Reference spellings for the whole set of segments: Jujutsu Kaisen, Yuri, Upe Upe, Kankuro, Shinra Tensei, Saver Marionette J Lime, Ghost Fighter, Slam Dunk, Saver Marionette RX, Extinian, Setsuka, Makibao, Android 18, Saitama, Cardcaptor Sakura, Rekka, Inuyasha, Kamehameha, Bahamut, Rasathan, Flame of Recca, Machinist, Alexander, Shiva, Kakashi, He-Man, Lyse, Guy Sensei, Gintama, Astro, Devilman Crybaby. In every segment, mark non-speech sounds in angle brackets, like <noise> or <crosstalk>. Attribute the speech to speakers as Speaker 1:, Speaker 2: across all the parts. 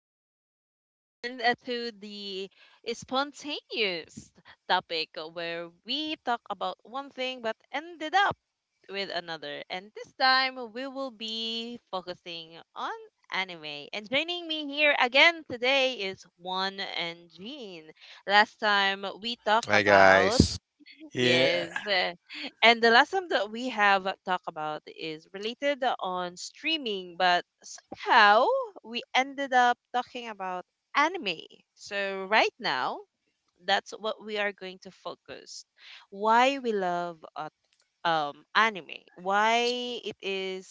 Speaker 1: welcome back again to the spontaneous topic where we talk about one thing but ended up with another. And this time we will be focusing on anime. And joining me here again today is Juan and Jean. Last time we talked
Speaker 2: Hi
Speaker 1: about.
Speaker 2: guys.
Speaker 1: Yes.
Speaker 3: Yeah.
Speaker 1: And the last one that we have talked about is related on streaming, but somehow we ended up talking about anime. So right now, that's what we are going to focus. Why we love anime. Why it is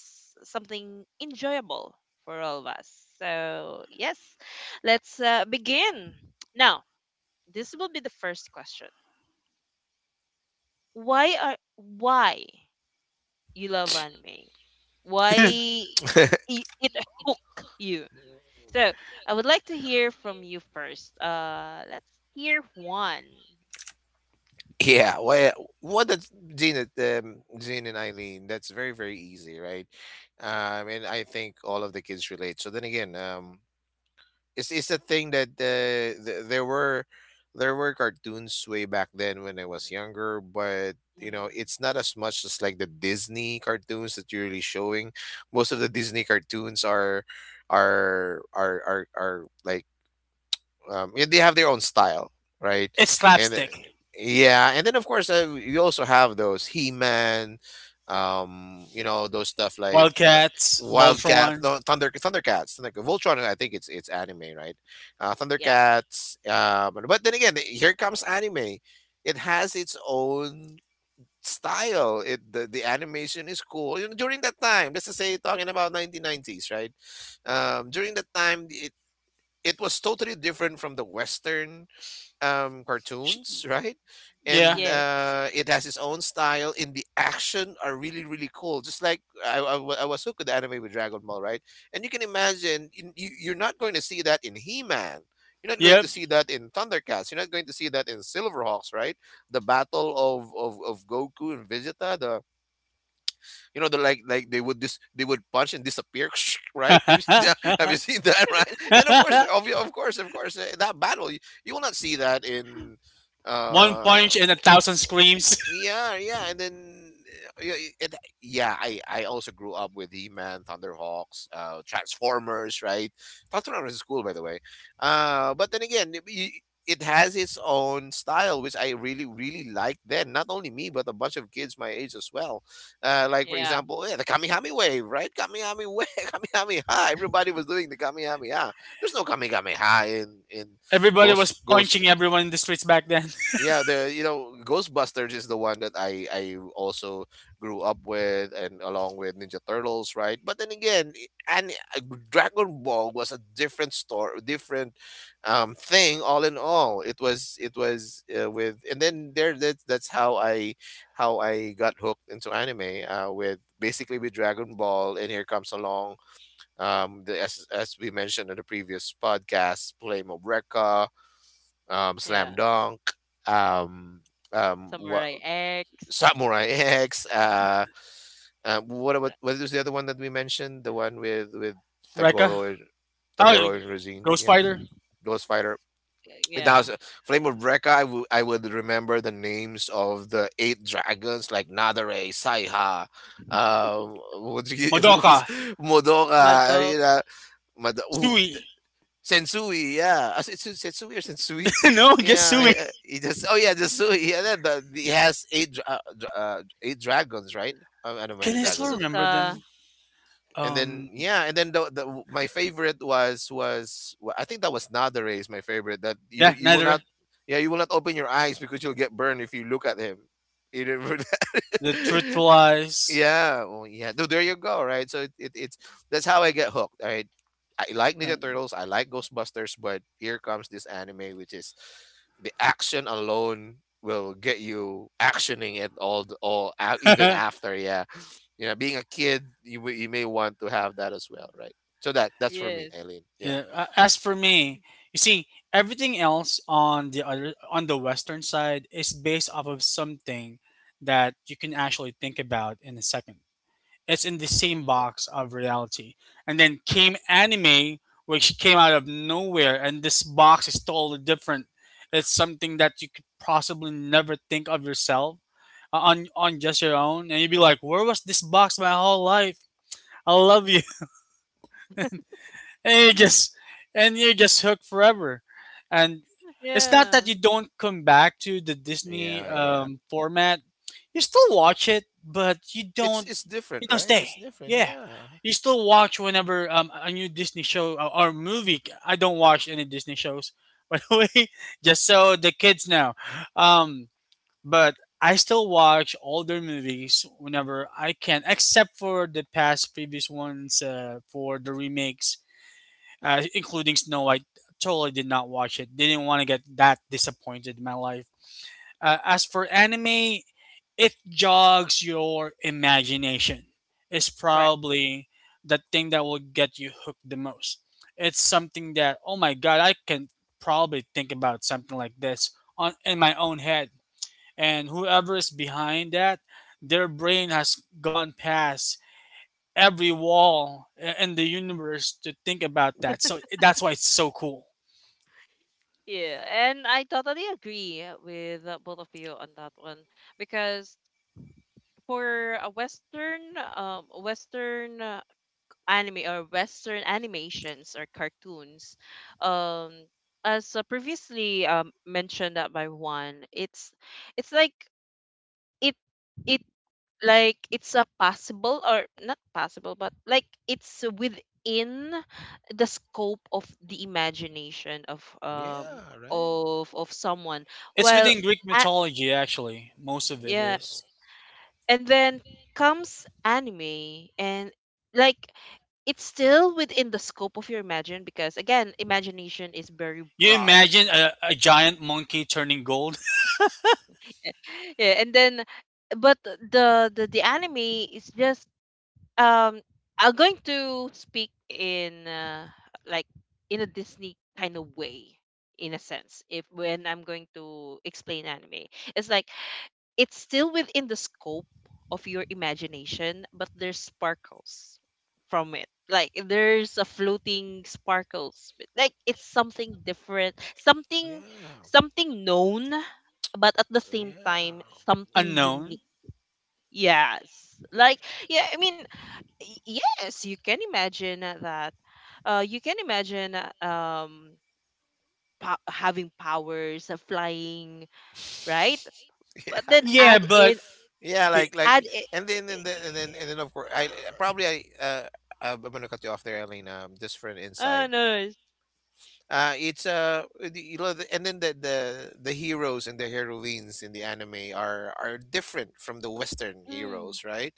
Speaker 1: something enjoyable for all of us. So yes, let's begin. Now, this will be the first question. Why are why? You love anime?
Speaker 3: <laughs>
Speaker 1: Why
Speaker 2: <laughs>
Speaker 1: it <laughs> hook you? So I would like to hear from you first. Let's hear one.
Speaker 2: yeah, well, what that Jean, Jean and Eileen, that's very very easy, right? And I think all of the kids relate. So then again, it's a thing that there were cartoons way back then when I was younger, but you
Speaker 1: Mm,
Speaker 2: know it's not as much as like the Disney cartoons that you're really showing. Most of the Disney cartoons are like yeah, they have their own style, right?
Speaker 3: It's
Speaker 2: And
Speaker 3: slapstick.
Speaker 2: Exactly. Yeah, and then of course you also have those He-Man, you know those stuff like I don't.
Speaker 3: Wildcats,
Speaker 2: Wildcat,
Speaker 3: Voltron.
Speaker 2: no, Thundercats, Thunder, Voltron. I think it's anime, right?
Speaker 1: yeah.
Speaker 2: Thundercats. But then again, here comes anime. It has its own style. The animation is cool. You know, during that time, let's just say talking about 1990s, right? During that time it was totally different from the western
Speaker 3: sh-
Speaker 2: cartoons, right?
Speaker 3: Yeah.
Speaker 2: And
Speaker 1: Yes.
Speaker 2: it has its own style and the action are really really cool. just like I, wa- I was hooked with the anime with Dragon Ball, right? And you can imagine, you're not going to see that in He-Man, you're not going
Speaker 3: Yep.
Speaker 2: to see that in Thundercats, you're not going to see that in Silverhawks, right? The battle of Goku and Vegeta. The You know, they're like they would dis they would punch and disappear, <laughs> right? Have you seen that?
Speaker 3: Huh?
Speaker 2: <laughs> Have you seen that, <laughs> right? And of course, that battle, you will not see that in,
Speaker 3: One
Speaker 2: uh,
Speaker 3: punch and a thousand screams. <laughs>
Speaker 2: yeah, and then uh, yeah, it, yeah, I also grew up with He Man, Thunderhawks, Transformers, right? Transformers is cool, by the way. But then again, it has its own style, which I really really liked then. Not only me, but a bunch of kids my age as well. Like for
Speaker 1: Yeah.
Speaker 2: example, yeah, the Kamihami wave, right? Kamihami wave, <laughs> Kamihami ha. Everybody was doing the Kamihami ha. There's no Kamihami ha in
Speaker 3: Everybody was
Speaker 2: Ghost
Speaker 3: punching everyone in the streets back then.
Speaker 2: yeah, the you know Ghostbusters is the one that I also grew up with, and along with Ninja Turtles, right? but then again and uh, Dragon Ball was a different story, different thing. All in all, it was with and then that's how I got hooked into anime, with basically with dragon Ball, and here comes along as we mentioned in the previous podcast, Flame of Recca, Slam
Speaker 1: Yeah.
Speaker 2: Dunk, um, what
Speaker 1: Samurai X.
Speaker 2: Samurai X. What
Speaker 1: uh,
Speaker 2: about, what was the other one that we mentioned? The one with
Speaker 3: <laughs> Rekka?
Speaker 2: Tagoro,
Speaker 3: Oh,
Speaker 2: Tagoro and Resine.
Speaker 3: Ghost
Speaker 2: Yeah,
Speaker 3: Fighter?
Speaker 2: Ghost Fighter. Now,
Speaker 1: Yeah.
Speaker 2: Flame of Brekka, I would remember the names of the eight dragons like Nadare, Saiha, um, <laughs> what do you- <laughs>
Speaker 3: Madoka?
Speaker 2: who's Modora, you
Speaker 1: Madok.
Speaker 2: know, Mad- who-
Speaker 3: Sui?
Speaker 2: Sensui, yeah. Sensui or Sensui?
Speaker 3: <laughs>
Speaker 2: <laughs>
Speaker 3: No, just
Speaker 2: Yeah,
Speaker 3: Sui.
Speaker 2: yeah. He just, oh yeah, the <laughs> Sui. That he has eight dragons, right? I don't mind
Speaker 3: Can
Speaker 2: the
Speaker 3: I still
Speaker 2: dragons. Is it?
Speaker 3: remember
Speaker 1: Setsuka.
Speaker 3: them?
Speaker 2: And then
Speaker 3: Um,
Speaker 2: yeah, and then the my favorite I think that was Nadare. Is my favorite.
Speaker 3: yeah,
Speaker 2: You will
Speaker 3: Neither.
Speaker 2: not, yeah, you will not open your eyes because you'll get burned if you look at him. You remember
Speaker 3: The
Speaker 2: that?
Speaker 3: Truthful
Speaker 2: <laughs>
Speaker 3: Eyes.
Speaker 2: Yeah, well, yeah. No, there you go, right? So it it's that's how I get hooked. I like Ninja
Speaker 3: Um,
Speaker 2: Turtles, I like Ghostbusters, but here comes this anime which is, the action alone will get you actioning it all all out even
Speaker 3: <laughs>
Speaker 2: after, yeah. You know, being a kid, you may want to have that as well, right? So that, that's for
Speaker 1: Yes.
Speaker 2: me, Eileen. Yeah.
Speaker 3: Yeah, as for me, you see, everything else on the western side is based off of something that you can actually think about in a second. It's in the
Speaker 1: Hmm.
Speaker 3: same box of reality. And then came anime, which came out of nowhere, and this box is totally different. It's something that you could possibly never think of yourself on just your own, and you'd be like, "Where was this box my whole life?" I love you and you just and you're just hooked forever. And it's not
Speaker 1: Yeah.
Speaker 3: that you don't come back to the Disney
Speaker 2: Yeah, yeah.
Speaker 3: format. You still watch it, but
Speaker 2: It's it's different,
Speaker 3: you don't
Speaker 2: right?
Speaker 3: stay.
Speaker 2: It's different.
Speaker 3: Yeah,
Speaker 2: Yeah.
Speaker 3: you still watch whenever a new Disney show or movie. I don't watch any Disney shows, <laughs> by the way, just so the kids know. Um, but I still watch all their movies whenever I can, except for the past previous ones for the remakes including Snow White. Totally did not watch it. Didn't want to get that disappointed in my life. As for anime, it jogs your imagination. It's
Speaker 1: Correct.
Speaker 3: probably the thing that will get you hooked the most. It's something that oh my god, I can probably think about something like this on in my own head. And whoever is behind that, their brain has gone past every wall in the universe to think about that. So that's why it's so cool.
Speaker 1: Yeah, and I totally agree with both of you on that one because for a Western, Western, anime, or Western animations, or cartoons. Um, as previously, mentioned that by one, it's like, it it like it's a possible or not possible, but like it's within the scope of the imagination of,
Speaker 2: Yeah, right?
Speaker 1: someone.
Speaker 3: It's
Speaker 1: Well,
Speaker 3: within Greek
Speaker 1: a
Speaker 3: mythology, actually. Most of it
Speaker 1: yeah,
Speaker 2: Yeah.
Speaker 3: is.
Speaker 1: and then comes anime and, like, it's still within the scope of your imagine, because again, imagination is very
Speaker 3: You
Speaker 1: broad.
Speaker 3: imagine a giant monkey turning gold?
Speaker 1: <laughs> Yeah, and then, but the anime is just, um I'm going to speak in, like, in a Disney kind of way, in a sense, if, when I'm going to explain anime, it's like, it's still within the scope of your imagination, but there's sparkles from it. Like, there's a floating sparkles. But, like, it's something different, something,
Speaker 2: Yeah.
Speaker 1: known, but at the same
Speaker 2: Yeah.
Speaker 1: time,
Speaker 2: <laughs>
Speaker 3: <laughs>
Speaker 1: something unique.
Speaker 3: Unknown.
Speaker 1: Yes. Like, yeah, I mean, yes, you can imagine that. You can imagine, having powers, flying, right?
Speaker 2: Yeah.
Speaker 1: But
Speaker 2: Yeah.
Speaker 1: then,
Speaker 3: Yeah,
Speaker 1: add
Speaker 3: but
Speaker 1: in,
Speaker 2: Yeah,
Speaker 3: i-
Speaker 2: like
Speaker 1: add
Speaker 2: like,
Speaker 1: it.
Speaker 2: and then of course I, probably I, I'm gonna cut you off there, Eileen. Just for an
Speaker 1: Ah,
Speaker 2: insight.
Speaker 1: no, it's,
Speaker 2: You know, the- and then the heroes and the heroines in the anime are different from the Western
Speaker 1: mm,
Speaker 2: heroes, right?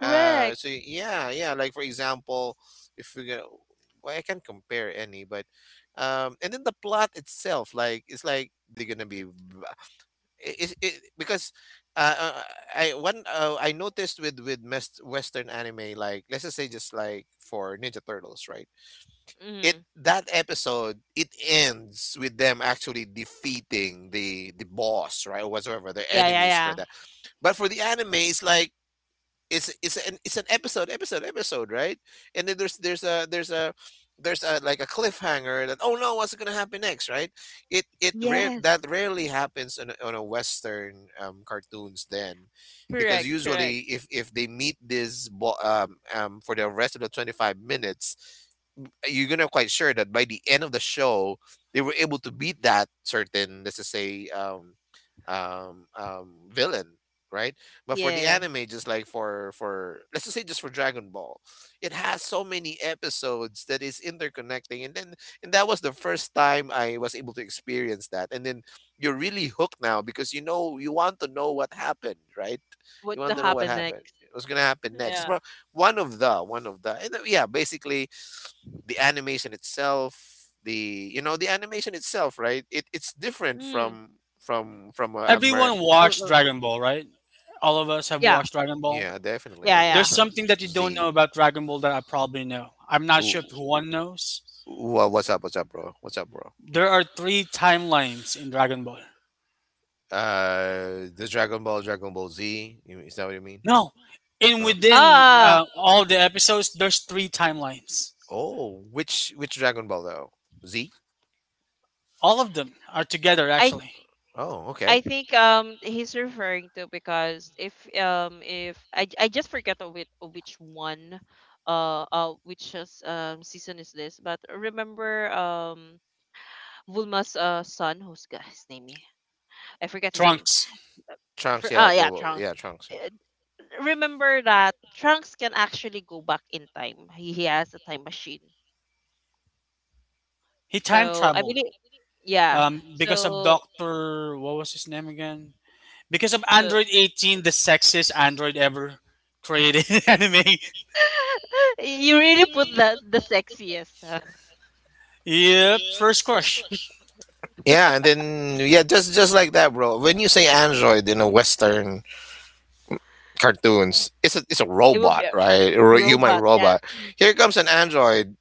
Speaker 2: So yeah, yeah. Like for example, if we go, well, I can't compare any, but and then the plot itself, like it's like they're gonna be, is it, because uh, uh, I noticed with Western anime, like let's just say just like for Ninja Turtles, right? It,
Speaker 1: Mm.
Speaker 2: that episode, it ends with them actually defeating the boss, right, or whatsoever their
Speaker 1: Yeah, yeah,
Speaker 2: enemies for
Speaker 1: yeah.
Speaker 2: that. But for the anime, it's like, it's an episode, episode, episode, right? And then there's, there's a like a cliffhanger that, oh no, what's gonna happen next, right? it it rare
Speaker 1: Yes,
Speaker 2: that rarely happens on on a western cartoons, then, because
Speaker 1: correct, correct.
Speaker 2: usually if they meet this for the rest of the 25 minutes, you're gonna quite sure that by the end of the show, they were able to beat that certain, let's just say, villain, right? But for the
Speaker 1: Yeah.
Speaker 2: anime, just like for let's just say just for Dragon Ball, it has so many episodes that is interconnecting, and then, and that was the first time I was able to experience that, and then you're really hooked now because you know you want to know what happened, right?
Speaker 1: What
Speaker 2: You
Speaker 1: the
Speaker 2: want to know what
Speaker 1: happen
Speaker 2: happened.
Speaker 1: next?
Speaker 2: What's gonna happen next?
Speaker 1: Yeah.
Speaker 2: Well, one of the, and yeah, basically, the animation itself, the, you know, the animation itself, right, it, it's different
Speaker 1: Mm.
Speaker 2: from from from a, Amer-
Speaker 3: everyone
Speaker 1: Oh,
Speaker 3: watched
Speaker 1: oh.
Speaker 3: Dragon Ball, right? All of us have
Speaker 1: Yeah,
Speaker 3: watched Dragon Ball.
Speaker 2: yeah, definitely
Speaker 1: yeah,
Speaker 2: I've watched,
Speaker 3: There's
Speaker 1: yeah.
Speaker 3: something that you don't know
Speaker 2: z.
Speaker 3: about Dragon Ball that I probably know. I'm not
Speaker 2: Ooh,
Speaker 3: sure if one knows.
Speaker 2: what's up, what's up bro?
Speaker 3: There are three timelines in Dragon Ball.
Speaker 2: The dragon ball Dragon Ball Z. You, is that what you mean?
Speaker 3: No, in
Speaker 2: Huh.
Speaker 3: within
Speaker 1: Ah,
Speaker 3: all the episodes, there's three timelines.
Speaker 2: Oh, which Dragon Ball, though? Z.
Speaker 3: All of them are together,
Speaker 1: I
Speaker 3: actually.
Speaker 2: Oh,
Speaker 1: I
Speaker 2: okay.
Speaker 1: think, he's referring to because, if, if I just forget of it of which one, which is, season is this, but remember, Vulma's son who's — his name, eh? I forget his name.
Speaker 3: Trunks.
Speaker 2: Uh,
Speaker 1: For,
Speaker 2: Trunks, yeah,
Speaker 1: ah,
Speaker 2: the,
Speaker 1: yeah,
Speaker 2: well,
Speaker 1: Trunks.
Speaker 2: yeah, Trunks, yeah.
Speaker 1: Remember that Trunks can actually go back in time. He has a time machine.
Speaker 3: He time
Speaker 1: So I
Speaker 3: traveled.
Speaker 1: believe, yeah.
Speaker 3: Because of
Speaker 1: So
Speaker 3: Doctor, what was his name again? Because of
Speaker 1: so
Speaker 3: Android 18, the sexiest Android ever created
Speaker 1: <laughs>
Speaker 3: <laughs> in anime.
Speaker 1: you really put the sexiest, huh? <laughs>
Speaker 3: Yep, first crush. <laughs>
Speaker 2: Yeah, and then, yeah, just like that, bro. When you say android in a western cartoons, it's a, it's a
Speaker 1: It would be
Speaker 2: robot,
Speaker 1: a
Speaker 2: right? A human
Speaker 1: robot. Yes.
Speaker 2: robot. Here comes an android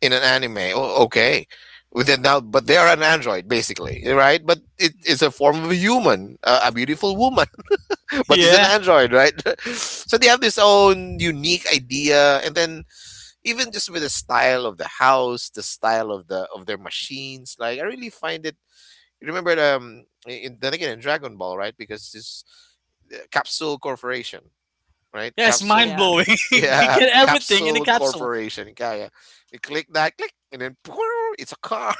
Speaker 2: in an anime. Oh, okay. With it now, but they are an android basically, eh, right? But it, it's a form of a human, a beautiful woman, <laughs> but it's an
Speaker 3: Yeah,
Speaker 2: android, right? <laughs> So they have this own unique idea, and then even just with the style of the house, the style of the, of their machines, like I really find it. You remember in, then again, in Dragon Ball, right? Because this, Capsule Corporation, right?
Speaker 3: yeah, it's mind
Speaker 2: Capsule,
Speaker 1: Yeah.
Speaker 3: blowing. <laughs> You
Speaker 2: yeah,
Speaker 3: get
Speaker 2: <laughs>
Speaker 3: everything in a
Speaker 2: Capsule
Speaker 3: capsule.
Speaker 2: Corporation. Yeah, yeah. You click that, click, and then <laughs> it's a car.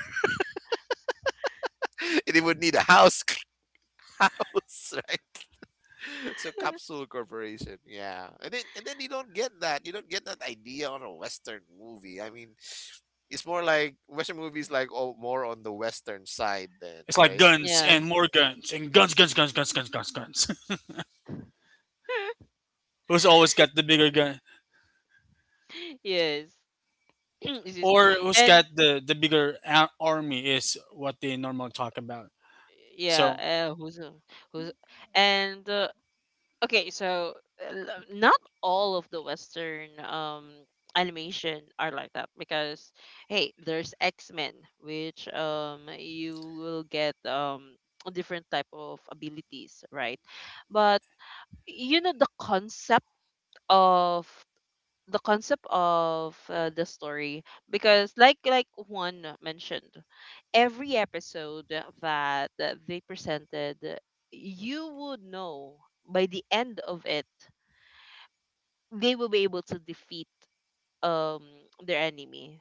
Speaker 2: <laughs> And it would need a house, <laughs> house, right? <laughs> So Capsule Corporation, yeah. And then you don't get that. You don't get that idea on a Western movie. I mean, it's more like Western movies like, oh, more on the Western side then,
Speaker 3: It's like
Speaker 2: right?
Speaker 3: guns
Speaker 1: Yeah.
Speaker 3: and more guns and guns, guns, guns, guns, guns, guns, guns. <laughs> Who's always got the bigger gun,
Speaker 1: <laughs> Yes. <clears throat> Excuse me.
Speaker 3: or who's
Speaker 1: And,
Speaker 3: got the bigger army is what they normally talk about.
Speaker 1: yeah.
Speaker 3: So
Speaker 1: Who's — who's and okay, so, not all of the Western, animation are like that because, hey, there's X-Men, which, you will get, a different type of abilities, right? But you know the concept of, the story, because, like one mentioned, every episode that, they presented, you would know by the end of it they will be able to defeat, um their enemy,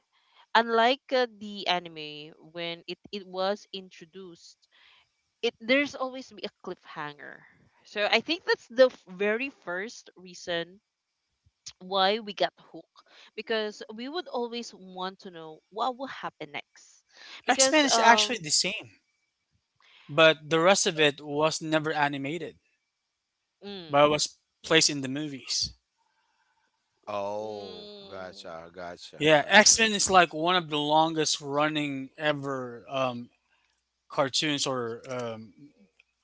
Speaker 1: unlike, the anime. When it was introduced, it there's always be a cliffhanger, so I think that's the very first reason why we got hooked, because we would always want to know what will happen next,
Speaker 3: X
Speaker 1: because,
Speaker 3: Men is actually the same, but the rest of it was never animated,
Speaker 1: mm,
Speaker 3: but it was placed in the movies.
Speaker 2: Oh,
Speaker 1: mm.
Speaker 2: gotcha, gotcha,
Speaker 3: Yeah,
Speaker 2: gotcha.
Speaker 3: X Men is like one of the longest running ever cartoons or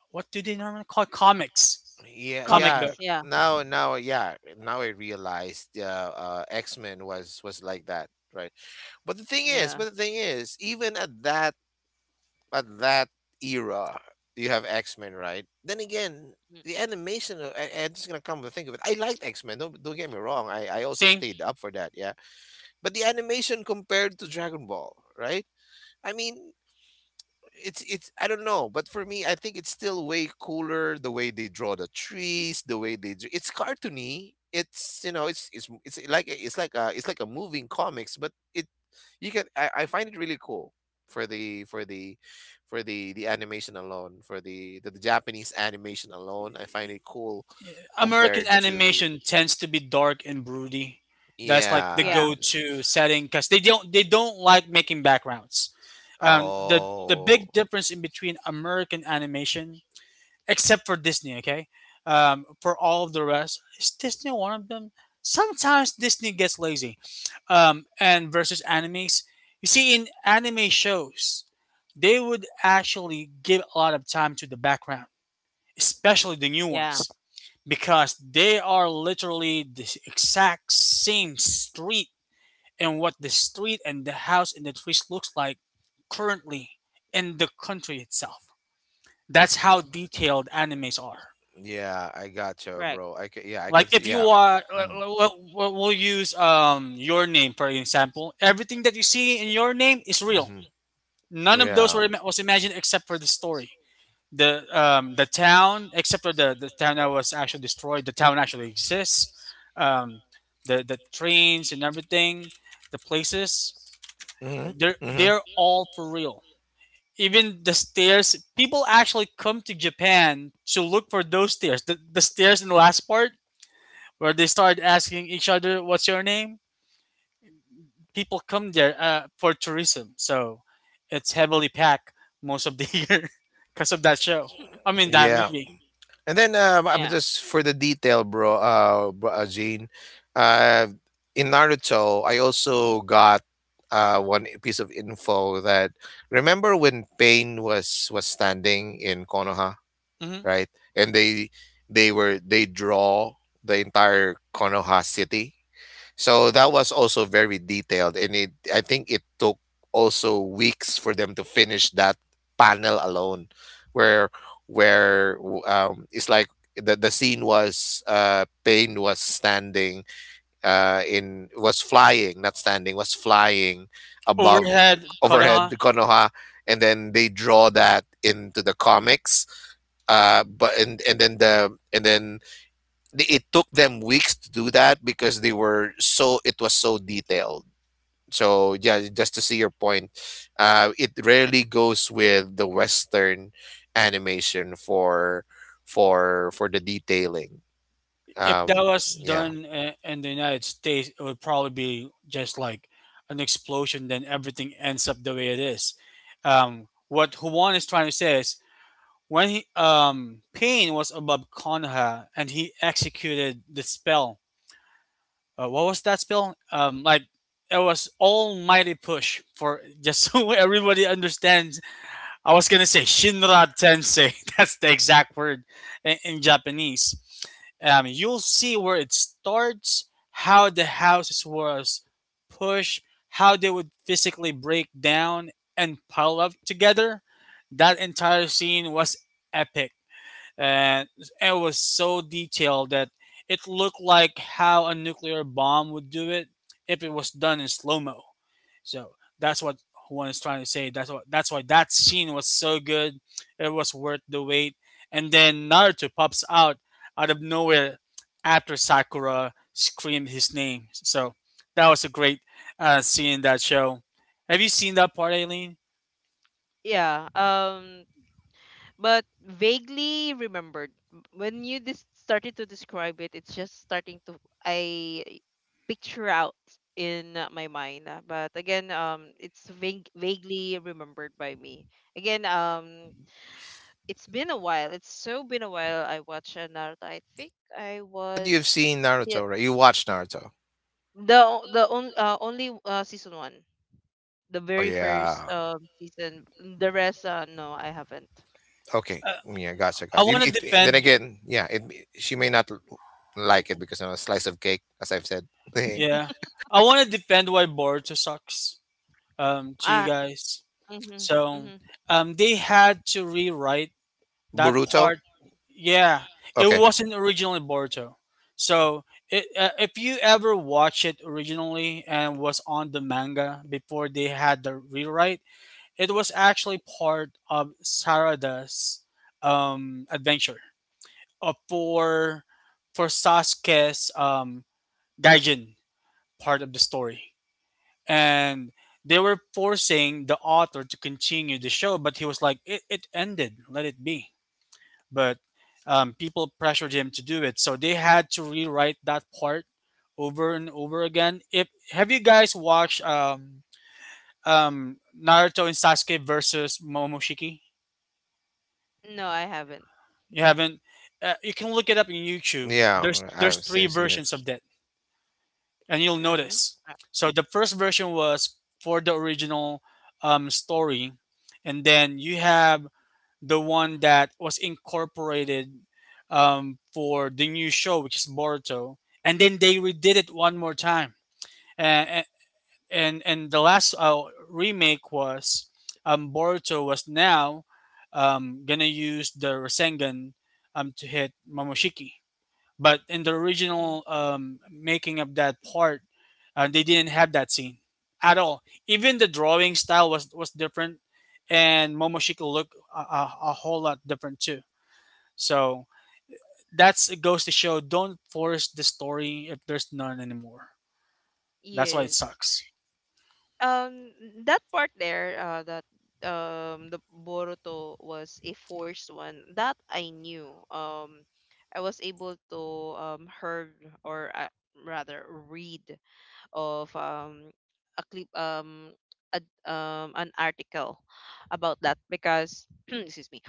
Speaker 3: what do they normally call it? Comics?
Speaker 2: Yeah,
Speaker 3: Comic
Speaker 2: yeah.
Speaker 1: Comics,
Speaker 3: book.
Speaker 1: yeah,
Speaker 2: Now, now, yeah. Now I realized, X Men was like that, right? But the thing is,
Speaker 1: yeah.
Speaker 2: but the thing is, even at that, at that era, you have X Men, right? Then again,
Speaker 1: Mm,
Speaker 2: the animation. I'm just gonna come to think of it. I liked X Men. Don't get me wrong. I also
Speaker 3: Same.
Speaker 2: stayed up for that. Yeah. But the animation compared to Dragon Ball, right? I mean, it's I don't know, but for me, I think it's still way cooler the way they draw the trees, the way they do. It's cartoony. It's, you know, it's like a- it's like a it's like a moving comics, but it, you can, I find it really cool for the for the for the the animation alone, for the Japanese animation alone. I find it cool
Speaker 3: American
Speaker 2: compared to,
Speaker 3: animation tends to be dark and broody. That's like the
Speaker 1: yeah,
Speaker 2: yeah.
Speaker 3: go-to setting because they don't like making backgrounds. The the
Speaker 2: Oh.
Speaker 3: big difference in between American animation, except for Disney. Okay, for all of the rest, is Disney one of them? Sometimes Disney gets lazy, and versus animes, you see in anime shows, they would actually give a lot of time to the background, especially the new
Speaker 1: yeah,
Speaker 3: ones, because they are literally the exact same street and what the street and the house and the trees looks like currently in the country itself. That's
Speaker 2: Y-
Speaker 3: how detailed animes are.
Speaker 2: Yeah, I
Speaker 1: correct.
Speaker 2: gotcha, bro. I can, yeah, I
Speaker 3: Like
Speaker 2: can
Speaker 3: if
Speaker 2: see.
Speaker 3: you
Speaker 2: Yeah.
Speaker 3: are,
Speaker 2: Mm.
Speaker 3: we'll use your name for example. Everything that you see in your name is real.
Speaker 2: Mhm.
Speaker 3: None of those
Speaker 2: Yeah.
Speaker 3: were ima- was imagined except for the story. The town, except for the town that was actually destroyed. The town actually exists. Um, the the trains and everything, the places.
Speaker 2: Hmm.
Speaker 3: They're
Speaker 2: Hmm.
Speaker 3: all for real. Even the stairs. People actually come to Japan to look for those stairs. The stairs in the last part where they start asking each other, "What's your name?" People come there for tourism, so it's heavily packed most of the <laughs> year because of that show.
Speaker 1: Mm,
Speaker 3: I mean that
Speaker 2: Yeah.
Speaker 3: movie.
Speaker 2: And then
Speaker 1: yeah,
Speaker 2: I'm just for the detail, bro. Bro, uh, Gene. Uh, in Naruto, I also got one piece of info that, remember when Pain was standing in Konoha,
Speaker 3: Hmm.
Speaker 2: right? And they were, they draw the entire Konoha city. So that was also very detailed, and it, I think it took also weeks for them to finish that panel alone, where it's like the scene was, uh, Pain was standing, in was flying, not standing, was flying above,
Speaker 3: Overhead,
Speaker 2: overhead <laughs>
Speaker 3: Konoha.
Speaker 2: the Konoha, and then they draw that into the comics. But and then the- It took them weeks to do that because they were so it was so detailed. So yeah, just to see your point, it rarely goes with the Western animation for the detailing.
Speaker 3: If
Speaker 2: Um,
Speaker 3: that was
Speaker 2: yeah.
Speaker 3: done in the United States, it would probably be just like an explosion. Then everything ends up the way it is. What Juan is trying to say is when Pain was above Konoha and he executed the spell, what was that spell? It was almighty push for just <laughs> so everybody understands. I was gonna say Shinra Tensei. <laughs> That's the exact word in Japanese. You'll see where it starts, how the houses was pushed, how they would physically break down and pile up together. That entire scene was epic, and it was so detailed that it looked like how a nuclear bomb would do it if it was done in slow mo. So that's what one is trying to say. That's what, that's why that scene was so good. It was worth the wait. And then Naruto pops out out of nowhere after Sakura screamed his name. So that was a great scene in that show. Have you seen that part, Aileen?
Speaker 1: yeah. But vaguely remembered. When you, started to describe it, it's just starting to, I picture out in, my mind. But again, it's vaguely remembered by me. Again, it's been a while, it's so been a while I watched, Naruto. I think I
Speaker 2: But you've
Speaker 1: was.
Speaker 2: seen
Speaker 1: Yeah,
Speaker 2: Naruto, right? You watched Naruto.
Speaker 1: the o- the on, only, season one, the
Speaker 2: Oh
Speaker 1: very
Speaker 2: yeah.
Speaker 1: first, season. The rest, no, I haven't.
Speaker 2: Okay.
Speaker 3: Uh,
Speaker 2: Yeah, gotcha,
Speaker 3: I
Speaker 2: gotcha.
Speaker 3: want to
Speaker 2: Then
Speaker 3: defend.
Speaker 2: again, yeah, she may not like it because I'm a slice of cake, as I've said. <laughs>
Speaker 3: Yeah, I want to defend why Boruto sucks, to you
Speaker 1: Ah,
Speaker 3: guys.
Speaker 1: mm-hmm,
Speaker 3: So
Speaker 1: mm-hmm.
Speaker 3: they had to rewrite that
Speaker 2: Boruto.
Speaker 3: part. Yeah, it
Speaker 2: Okay.
Speaker 3: wasn't originally Boruto. So if you ever watch it originally and was on the manga before they had the rewrite, it was actually part of Sarada's adventure for for Sasuke's Gaijin part of the story, and they were forcing the author to continue the show but he was like it ended, let it be, but people pressured him to do it, so they had to rewrite that part over and over again. If Have you guys watched Naruto and Sasuke versus Momoshiki?
Speaker 1: No, I haven't.
Speaker 3: You haven't. You can look it up in YouTube.
Speaker 2: Yeah,
Speaker 3: There's
Speaker 2: I've
Speaker 3: three
Speaker 2: seen it.
Speaker 3: versions of that, and you'll
Speaker 1: Mm.
Speaker 3: notice.
Speaker 1: Uh,
Speaker 3: So the first version was for the original story, and then you have the one that was incorporated for the new show, which is Boruto, and then they redid it one more time. And and and the last remake was Boruto was now gonna use the Rasengan, to hit Momoshiki. But in the original making of that part, they didn't have that scene at all. Even the drawing style was different, and Momoshiki looked a whole lot different too. So that's, it goes to show: don't force the story if there's none anymore. That's why it
Speaker 1: Yes.
Speaker 3: sucks.
Speaker 1: Um, that part there, that the Boruto was a forced one. That I knew. I was able to, heard, or, rather, read of, a clip, a, an article about that, because <clears throat> excuse me,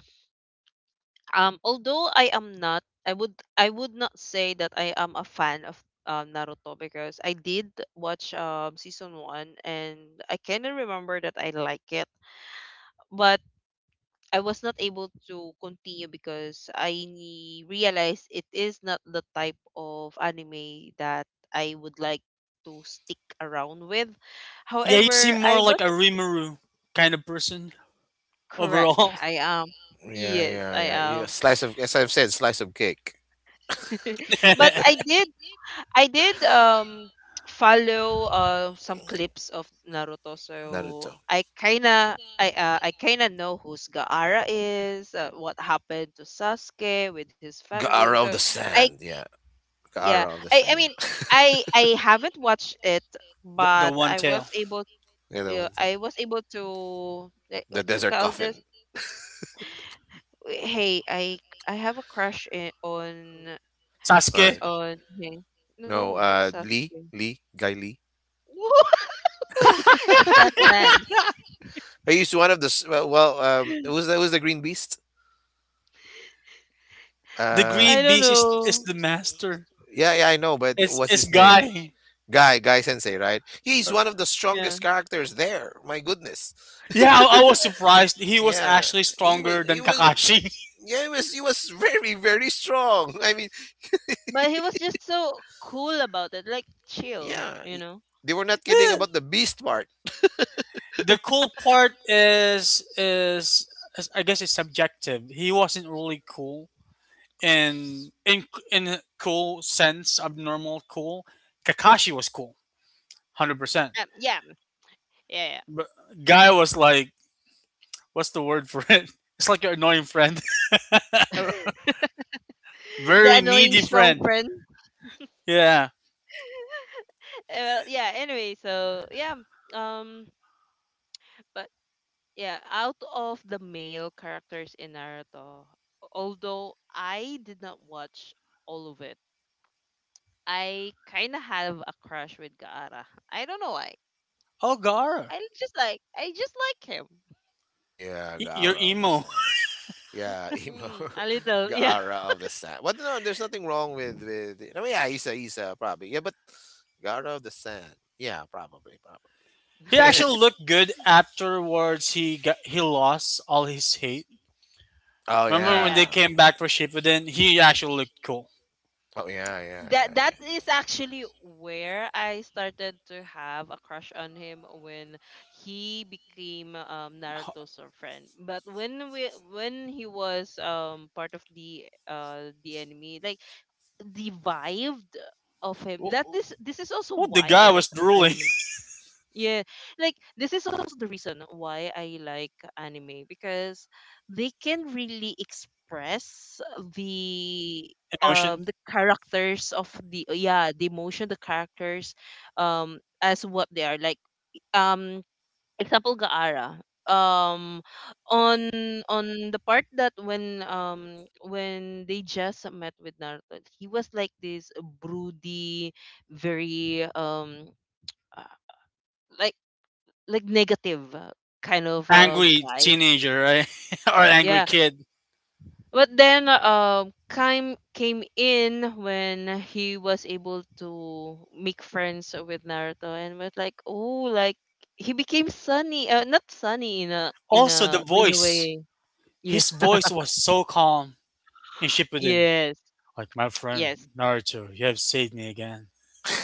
Speaker 1: although I am not — I would not say that I am a fan of, Naruto, because I did watch, season 1, and I kind of remember that I like it, but I was not able to continue because I, realized it is not the type of anime that I would like to stick around with.
Speaker 3: Yeah, you
Speaker 1: However,
Speaker 3: seem more
Speaker 1: I
Speaker 3: like
Speaker 1: was.
Speaker 3: a Rimuru kind of person
Speaker 1: Correct.
Speaker 3: overall. <laughs>
Speaker 1: I am.
Speaker 2: Yeah,
Speaker 1: Yes,
Speaker 2: yeah,
Speaker 1: I
Speaker 2: yeah. Yeah,
Speaker 1: am.
Speaker 2: slice of, as I've said, slice of cake.
Speaker 1: <laughs> But I did, follow, some clips of Naruto, so,
Speaker 2: Naruto.
Speaker 1: I kinda know who's Gaara is, what happened to Sasuke with his family.
Speaker 2: Gaara
Speaker 1: So.
Speaker 2: of the
Speaker 1: I
Speaker 2: Sand. Yeah,
Speaker 1: Yeah,
Speaker 2: Gaara of the
Speaker 1: I I
Speaker 2: Sand.
Speaker 1: mean
Speaker 2: Yeah, <laughs>
Speaker 1: I I haven't watched it,
Speaker 3: The
Speaker 1: but
Speaker 3: one
Speaker 1: I was
Speaker 3: tail.
Speaker 1: able,
Speaker 2: the other ones. Yeah.
Speaker 1: I was able to, like,
Speaker 2: The
Speaker 1: what you
Speaker 2: Desert
Speaker 1: call this?
Speaker 2: Coffin.
Speaker 1: Hey, I have a crush in,
Speaker 2: All
Speaker 3: Sasuke,
Speaker 2: right.
Speaker 1: on hey, no,
Speaker 2: No,
Speaker 1: not
Speaker 2: Lee,
Speaker 1: Sasuke.
Speaker 2: Lee, Guy Lee.
Speaker 1: Woohoo! <laughs> The Sandman.
Speaker 2: I used one of the s- Well, it was the Green Beast.
Speaker 3: the
Speaker 2: Uh,
Speaker 1: I
Speaker 3: green
Speaker 1: don't
Speaker 3: beast is
Speaker 1: know.
Speaker 3: the master.
Speaker 2: yeah, yeah, I know, but
Speaker 3: It's
Speaker 2: what's his name?
Speaker 3: Guy.
Speaker 2: Guy Sensei, right? He's one of the
Speaker 1: Yeah.
Speaker 2: strongest characters there. My goodness,
Speaker 3: Yeah, I was surprised. He was
Speaker 2: yeah,
Speaker 3: actually
Speaker 2: he was,
Speaker 3: stronger
Speaker 2: he
Speaker 3: than
Speaker 2: was,
Speaker 3: Kakashi.
Speaker 2: yeah, he was very, very strong. <laughs> I mean,
Speaker 1: But he was just so cool about it, like, chill,
Speaker 2: yeah,
Speaker 1: you know?
Speaker 2: they were not
Speaker 3: <laughs>
Speaker 2: kidding about the beast part.
Speaker 3: The cool part is I guess it's subjective. He wasn't really cool in cool sense, abnormal cool. Kakashi was cool, 100%.
Speaker 1: Yeah, yeah,
Speaker 3: Guy was like, what's the word for it? <laughs> It's like your annoying friend,
Speaker 1: yeah.
Speaker 3: <laughs>
Speaker 1: <laughs> The
Speaker 3: very
Speaker 1: annoying
Speaker 3: needy
Speaker 1: strong
Speaker 3: friend.
Speaker 1: friend.
Speaker 3: Yeah.
Speaker 1: Yeah, anyway, so yeah. Um but yeah, out of the male characters in Naruto, although I did not watch all of it, I kinda have a crush with Gaara. I don't know why.
Speaker 3: Oh, Gar,
Speaker 1: I just like him.
Speaker 2: Yeah,
Speaker 3: you're
Speaker 2: Gara of the
Speaker 3: emo. <laughs>
Speaker 2: Sand. Yeah, emo.
Speaker 1: Mm, a
Speaker 2: <laughs>
Speaker 1: little. <laughs>
Speaker 2: The
Speaker 1: Yeah,
Speaker 2: aura of the sand. But no, there's nothing wrong with. I mean, yeah, Isa, probably. Yeah, but the aura of the sand. Yeah, probably, probably.
Speaker 3: He actually looked good
Speaker 2: <laughs>
Speaker 3: afterwards. He got, he lost all his hate.
Speaker 2: Oh
Speaker 1: yeah,
Speaker 3: Remember when
Speaker 2: yeah.
Speaker 3: they
Speaker 1: yeah.
Speaker 3: came back for Shippuden? He actually looked cool.
Speaker 2: Oh yeah, yeah,
Speaker 1: That
Speaker 2: yeah,
Speaker 1: that is actually where I started to have a crush on him, when he became, Naruto's, friend. But when he was, part of the enemy, like, the vibe of him. That
Speaker 3: Wh-
Speaker 1: this is also
Speaker 3: What the
Speaker 1: why
Speaker 3: guy
Speaker 1: I
Speaker 3: was
Speaker 1: like
Speaker 3: drooling.
Speaker 1: anime. Yeah, like, this is also the reason why I like anime, because they can really express the
Speaker 3: <laughs> Emotion,
Speaker 1: the characters of the yeah, the emotion, the characters, as what they are, like, um example Gaara, um on the part that when, when they just met with Naruto, he was like this broody, very, uh, like, negative, kind of,
Speaker 3: angry
Speaker 1: guy.
Speaker 3: teenager, right, <laughs> or angry
Speaker 1: Yeah.
Speaker 3: kid.
Speaker 1: But then, Kime came in when he was able to make friends with Naruto, and was like, "Oh, like, he became sunny. Not sunny in a in
Speaker 3: Also, the
Speaker 1: a in a
Speaker 3: voice.
Speaker 1: way." Yeah.
Speaker 3: His
Speaker 1: <laughs>
Speaker 3: voice was so calm in Shippuden.
Speaker 1: Yes.
Speaker 3: Like my
Speaker 1: Yes.
Speaker 3: friend Naruto, you have saved me again.
Speaker 2: yeah.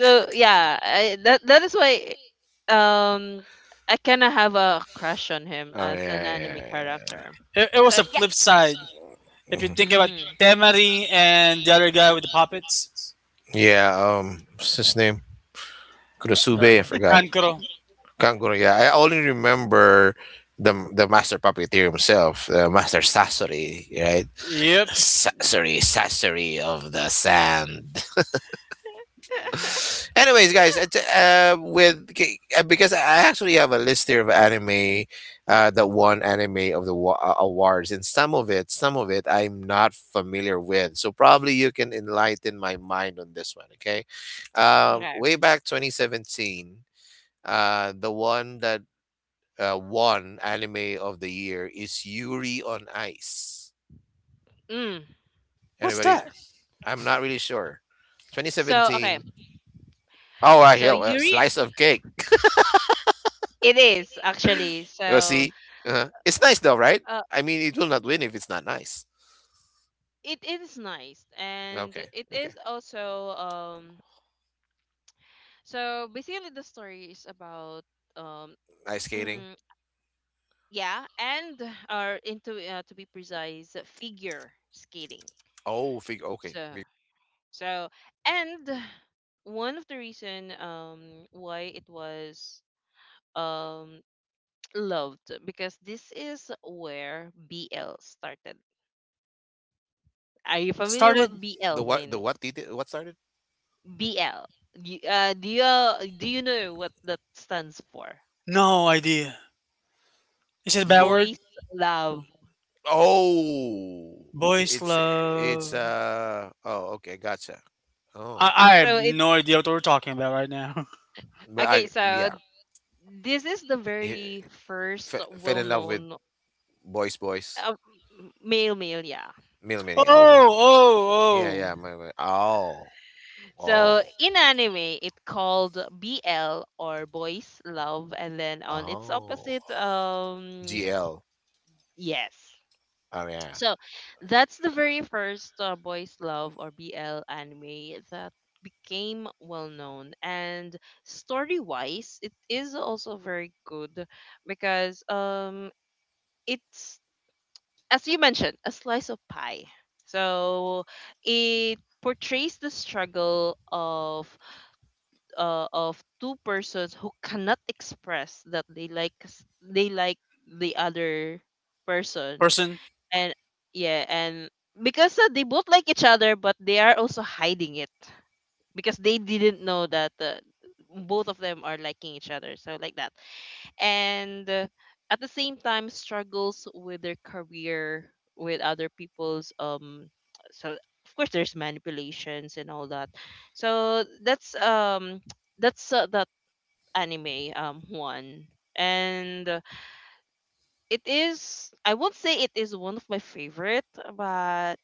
Speaker 1: So, yeah, that is why, um I kind of have a crush on
Speaker 2: <laughs>
Speaker 1: him
Speaker 2: Oh
Speaker 1: as an
Speaker 2: yeah,
Speaker 1: anime
Speaker 2: yeah, yeah.
Speaker 1: character.
Speaker 3: It
Speaker 1: So,
Speaker 3: was a
Speaker 1: yeah.
Speaker 3: flip side. If you
Speaker 2: Mhm.
Speaker 3: think about
Speaker 1: Mm,
Speaker 3: Temari and the other guy with the puppets,
Speaker 2: Yeah. What's his name?
Speaker 3: uh,
Speaker 2: Kurosube. I forgot.
Speaker 3: Kankuro.
Speaker 2: Kanguro. Yeah, I only remember the master puppeteer himself, Master Sasori. Right.
Speaker 3: Yep.
Speaker 2: Sorry, sassery of the sand. <laughs> Anyways, guys, because I actually have a list here of anime that won anime of the awards, and some of it, I'm not familiar with. So probably you can enlighten my mind on this one. Okay,
Speaker 1: okay.
Speaker 2: way back 2017, the one that won anime of the year is Yuri on Ice.
Speaker 1: Mm.
Speaker 3: What's
Speaker 2: Anybody?
Speaker 3: that?
Speaker 2: I'm not really sure.
Speaker 1: So, okay.
Speaker 2: 2017. Oh, I
Speaker 1: So,
Speaker 2: hear a
Speaker 1: Yuri,
Speaker 2: slice of cake.
Speaker 1: it is, actually.
Speaker 2: <laughs> You
Speaker 1: So,
Speaker 2: see, it's nice though, right?
Speaker 1: uh,
Speaker 2: I mean, it will not win if it's not nice.
Speaker 1: it is nice, and
Speaker 2: Okay,
Speaker 1: it
Speaker 2: okay.
Speaker 1: is also, So basically, the story is about, um.
Speaker 2: Ice skating.
Speaker 1: Mm, yeah, and, or, into, to be precise, figure skating.
Speaker 2: Oh, figure. Okay,
Speaker 1: So,
Speaker 2: figure.
Speaker 1: so and one of the reason, why it was, um <tsk> loved, because this is where BL started. Are you
Speaker 3: What
Speaker 1: familiar with
Speaker 3: started?
Speaker 2: The
Speaker 1: BL,
Speaker 2: what? The
Speaker 1: Min?
Speaker 2: what? Did what started?
Speaker 1: BL. Do you — do you know what that stands for?
Speaker 3: No idea. Is it a bad
Speaker 2: DL.
Speaker 1: Boys
Speaker 3: word?
Speaker 1: Love.
Speaker 2: Oh,
Speaker 3: Boys
Speaker 2: it's it's
Speaker 3: love.
Speaker 2: uh. Oh, okay, gotcha. Oh,
Speaker 3: I
Speaker 1: So
Speaker 3: have
Speaker 1: it,
Speaker 3: no idea what we're talking about right now. <laughs>
Speaker 2: but I,
Speaker 1: okay. So
Speaker 2: yeah.
Speaker 1: this is the
Speaker 2: Eh,
Speaker 1: very first
Speaker 2: fell in love with
Speaker 1: well-known,
Speaker 2: boys,
Speaker 1: uh, male male. Yeah.
Speaker 2: mil.
Speaker 3: Oh,
Speaker 2: Oh, wow. Yeah,
Speaker 3: oh,
Speaker 2: yeah.
Speaker 3: oh.
Speaker 2: My, oh,
Speaker 1: So
Speaker 2: oh,
Speaker 1: in anime, it called BL or Boys Love, and then on its
Speaker 2: oh.
Speaker 1: opposite,
Speaker 2: GL.
Speaker 1: yes.
Speaker 2: Oh yeah.
Speaker 1: So that's the very first, boys love or BL anime that became well known, and story wise it is also very good, because, it's, as you mentioned, a slice of pie. So it portrays the struggle of, two persons who cannot express that, they like the other person,
Speaker 3: Person.
Speaker 1: and, yeah, and because, they both like each other, but they are also hiding it because they didn't know that, both of them are liking each other, so like that. And, at the same time, struggles with their career, with other people's, so of course there's manipulations and all that. So that's, <tsk> that anime, one. And, it is, I won't say it is one of my favorite, but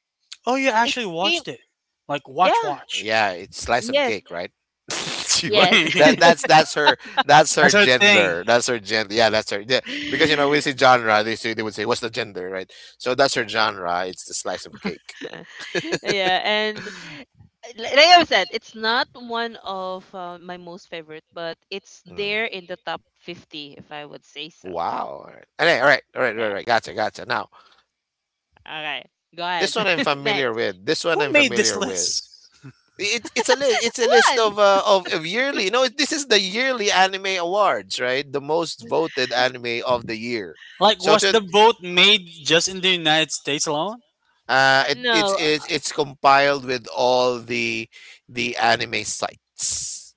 Speaker 3: Oh, you
Speaker 1: it
Speaker 3: actually
Speaker 1: came.
Speaker 3: watched it. Like, watch,
Speaker 1: Yeah.
Speaker 3: watch.
Speaker 2: Yeah, it's slice of
Speaker 1: Yes.
Speaker 2: cake, right? <laughs> She
Speaker 3: <laughs>
Speaker 2: was
Speaker 1: Yes.
Speaker 2: that.
Speaker 3: That's
Speaker 2: That's her.
Speaker 3: our thing.
Speaker 2: That's her gender. Yeah, that's her. Yeah, because you know we say
Speaker 1: <laughs>
Speaker 2: genre, they would say what's the gender, right? So that's her genre. It's the slice of cake.
Speaker 1: Yeah, and,
Speaker 2: <laughs>
Speaker 1: like I said, it's not one of, my most favorite, but it's
Speaker 2: Mm.
Speaker 1: there in the top 50, if I would say so.
Speaker 2: Wow. All right, all right, all right, all right,
Speaker 1: Yeah,
Speaker 2: all right. Gotcha, gotcha. Now,
Speaker 1: all right, go ahead.
Speaker 2: this one I'm
Speaker 1: <laughs>
Speaker 2: familiar
Speaker 1: Next.
Speaker 2: with. This one
Speaker 3: Who
Speaker 2: I'm
Speaker 3: made this
Speaker 2: familiar with.
Speaker 3: list?
Speaker 2: It's a list. It's a list
Speaker 1: One.
Speaker 2: of of yearly. No, it, This is the yearly anime awards, right? The most voted anime of the year.
Speaker 3: Like,
Speaker 2: So
Speaker 3: was
Speaker 2: to,
Speaker 3: the vote made just in the United States alone?
Speaker 1: No.
Speaker 2: it's compiled with all the anime sites,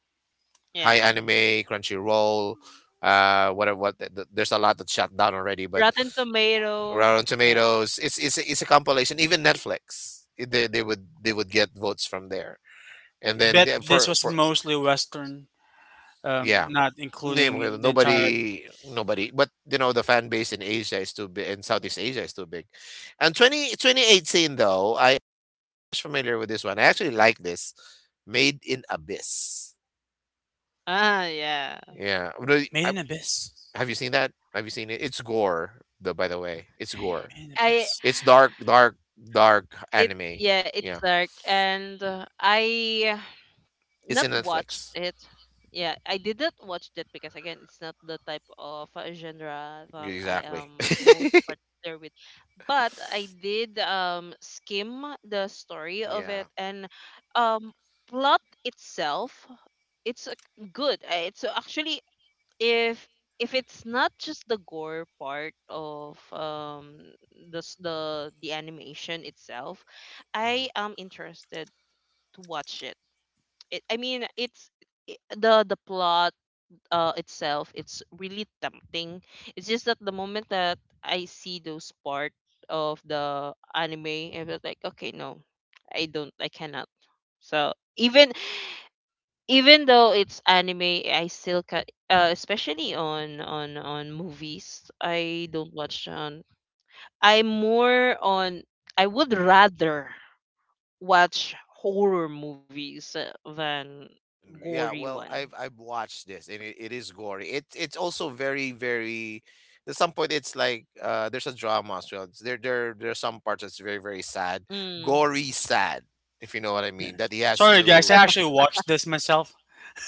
Speaker 2: Hi
Speaker 1: Yeah.
Speaker 2: Anime, Crunchyroll, whatever. There's a lot that shut down already, but
Speaker 1: Rotten Tomato.
Speaker 2: Rotten
Speaker 1: Yeah.
Speaker 2: Tomatoes. It's a compilation. Even Netflix, they would get votes from there. And then
Speaker 3: Bet this was
Speaker 2: for
Speaker 3: mostly Western,
Speaker 2: yeah,
Speaker 3: not
Speaker 2: Hindi, well,
Speaker 3: including the entire.
Speaker 2: nobody. But you know the fan base in Asia is too big. In Southeast Asia is too big. And twenty twenty eighteen though, I very much familiar with this one. I actually like this. Made in Abyss.
Speaker 1: Ah, yeah.
Speaker 2: Yeah. Really,
Speaker 3: Made in Abyss.
Speaker 2: have you seen that? Have you seen it? It's gore. Though by the way, it's gore.
Speaker 3: Made in
Speaker 1: I
Speaker 3: Abyss.
Speaker 2: It's dark, dark, dark
Speaker 1: It's,
Speaker 2: anime.
Speaker 1: yeah, it's
Speaker 2: Yeah.
Speaker 1: dark, and, I
Speaker 2: It's
Speaker 1: not
Speaker 2: in
Speaker 1: watched
Speaker 2: Netflix.
Speaker 1: it. Yeah, I didn't watch that because, again, it's not the type of, genre that I
Speaker 2: Exactly.
Speaker 1: am
Speaker 2: <laughs>
Speaker 1: most particular with. But I did, skim the story of it,
Speaker 2: Yeah.
Speaker 1: and, um plot itself. It's, good. It's actually if if it's not just the gore part of the animation itself,
Speaker 2: Hmm.
Speaker 1: I am interested to watch it. it i mean it's the plot itself, it's really tempting. It's just that the moment that I see those part of the anime, I was like, okay, no, I cannot. So even even though it's anime, I still can. Especially on movies, I don't watch on. I'm more on. I would rather watch horror movies than
Speaker 2: Then yeah,
Speaker 1: gory one.
Speaker 2: well, I've watched this and it is gory. It's also very, very. At some point, it's like there's a drama as well. There's some parts that's very, very sad,
Speaker 1: Mm.
Speaker 2: gory sad. If you know what I mean, that he has
Speaker 3: Sorry, guys.
Speaker 2: to.
Speaker 3: I actually watched this myself.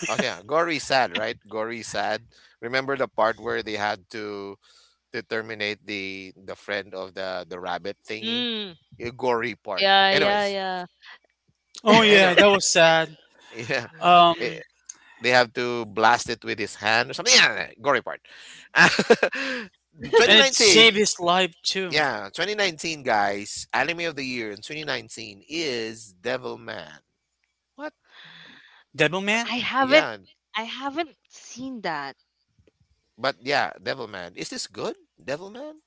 Speaker 2: Oh yeah, gory sad, right? Gory sad. Remember the part where they had to terminate the friend of the rabbit thingy,
Speaker 1: Mm.
Speaker 2: a gory part.
Speaker 1: Yeah, yeah, yeah.
Speaker 3: Oh, yeah.
Speaker 2: Anyway,
Speaker 3: That
Speaker 1: <laughs>
Speaker 3: was sad.
Speaker 2: <laughs> yeah,
Speaker 1: Yeah.
Speaker 3: Um,
Speaker 2: they have to blast it with his hand or something. Yeah, yeah, yeah, gory part. <laughs>
Speaker 3: and it
Speaker 2: 2019.
Speaker 3: saved his life, too.
Speaker 2: Yeah, 2019, guys, anime of the year in 2019 is Devilman. What?
Speaker 3: Devilman?
Speaker 1: I haven't
Speaker 2: Yeah,
Speaker 1: I haven't seen that.
Speaker 2: but yeah, Devilman. Is this good? Devilman?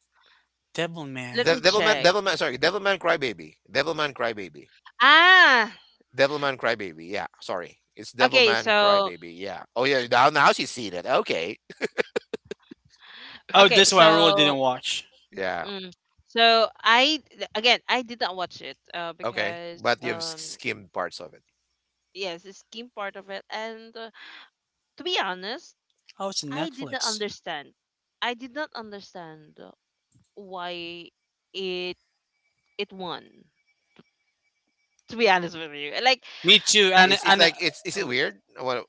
Speaker 1: Let
Speaker 3: Devilman.
Speaker 1: me check.
Speaker 2: Devilman, sorry, Devilman Crybaby. Devilman Crybaby.
Speaker 1: Ah,
Speaker 2: Devilman Crybaby. Yeah, sorry. It's
Speaker 1: okay,
Speaker 2: Devilman
Speaker 1: so
Speaker 2: Crybaby. Yeah. Oh, yeah, now she's seen it. Okay. <laughs>
Speaker 3: Oh,
Speaker 1: okay,
Speaker 3: this one I really didn't
Speaker 1: so
Speaker 3: watch.
Speaker 2: Yeah,
Speaker 1: mm, so I, again, I did not watch it
Speaker 2: okay.
Speaker 1: because
Speaker 2: But you've skimmed parts of it.
Speaker 1: yes, the scheme part of it and to be honest,
Speaker 3: Oh, it's
Speaker 1: I did not
Speaker 3: Netflix.
Speaker 1: understand. I did not understand why it it won. To be honest with you. Like
Speaker 3: Me too. And
Speaker 2: It's
Speaker 3: and
Speaker 2: like it's is it weird? What?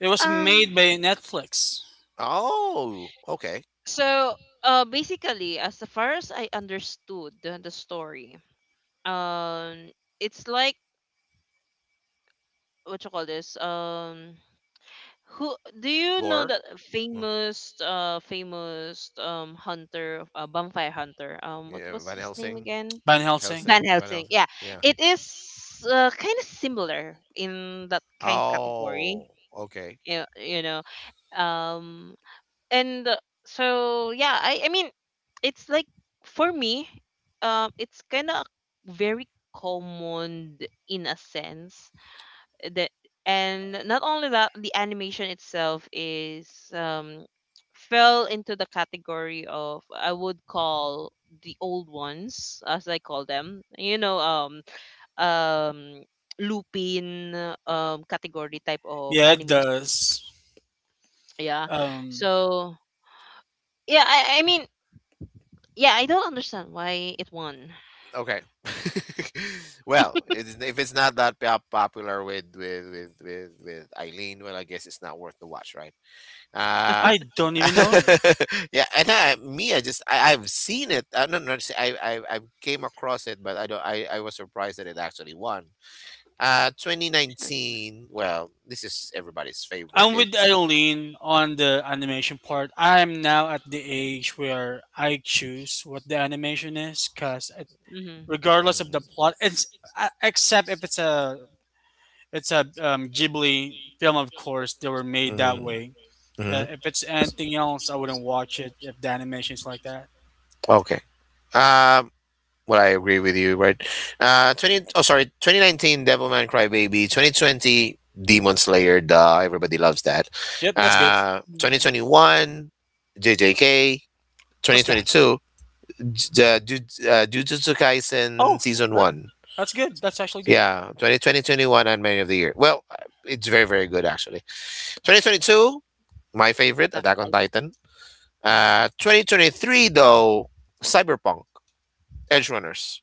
Speaker 3: it
Speaker 1: uh,
Speaker 3: was
Speaker 1: um
Speaker 3: made by Netflix.
Speaker 2: Oh, okay.
Speaker 1: so, basically, as far as I understood the story, um, it's like, what you call this? Who do you know
Speaker 2: Gore.
Speaker 1: that
Speaker 2: Oh.
Speaker 1: famous, famous hunter, bonfire hunter? What
Speaker 2: Yeah,
Speaker 1: was
Speaker 2: Van
Speaker 1: his name
Speaker 2: Helsing.
Speaker 1: again?
Speaker 3: Van Helsing.
Speaker 2: Helsing.
Speaker 1: Van
Speaker 2: Van
Speaker 1: Helsing.
Speaker 2: Helsing.
Speaker 1: Yeah,
Speaker 2: Yeah.
Speaker 1: it is kind of similar in that kind category.
Speaker 2: Oh, okay.
Speaker 1: You know, um and so yeah, I mean, it's like, for me, it's kind of very common in a sense, that. And not only that, the animation itself is um fell into the category of, I would call, the old ones, as I call them, you know. Um Lupin category type of
Speaker 3: Yeah, it
Speaker 1: animation.
Speaker 3: does.
Speaker 1: Yeah,
Speaker 3: Um,
Speaker 1: so yeah, I mean, yeah, I don't understand why it won.
Speaker 2: Okay. <laughs> Well, if it's not that popular with Eileen, well, I guess it's not worth the watch, right? Uh
Speaker 3: I don't even know it.
Speaker 2: <laughs> yeah, and I, I've seen it. I don't know. I've came across it, but I don't. I was surprised that it actually won. 2019. Well, this is everybody's favorite.
Speaker 3: I'm with
Speaker 2: It's.
Speaker 3: Eileen on the animation part. I'm now at the age where I choose what the animation is, cause
Speaker 1: Hmm.
Speaker 3: regardless of
Speaker 2: Mm,
Speaker 3: the plot, it's except if it's a, Ghibli film, of course, they were made that
Speaker 2: mm,
Speaker 3: way.
Speaker 2: mm,
Speaker 3: If it's anything else, I wouldn't watch it if the animation's like that.
Speaker 2: okay. Um. Well, I agree with you, right? 20. Oh, sorry. 2019, Devilman Crybaby. 2020, Demon Slayer. Duh, everybody loves that.
Speaker 3: Yep, that's good.
Speaker 1: Hmm.
Speaker 2: 2021, JJK.
Speaker 3: What's that?
Speaker 2: 2022, the Jujutsu Kaisen
Speaker 3: Oh,
Speaker 2: Season 1.
Speaker 3: that- that's good. That's actually good.
Speaker 2: Yeah, 2020 21 and many of the year. Well, it's very, very good actually. 2022, my favorite,
Speaker 1: Attack on
Speaker 2: Attack on
Speaker 1: Titan.
Speaker 2: Titan. 2023 though, Cyberpunk, Edge Runners.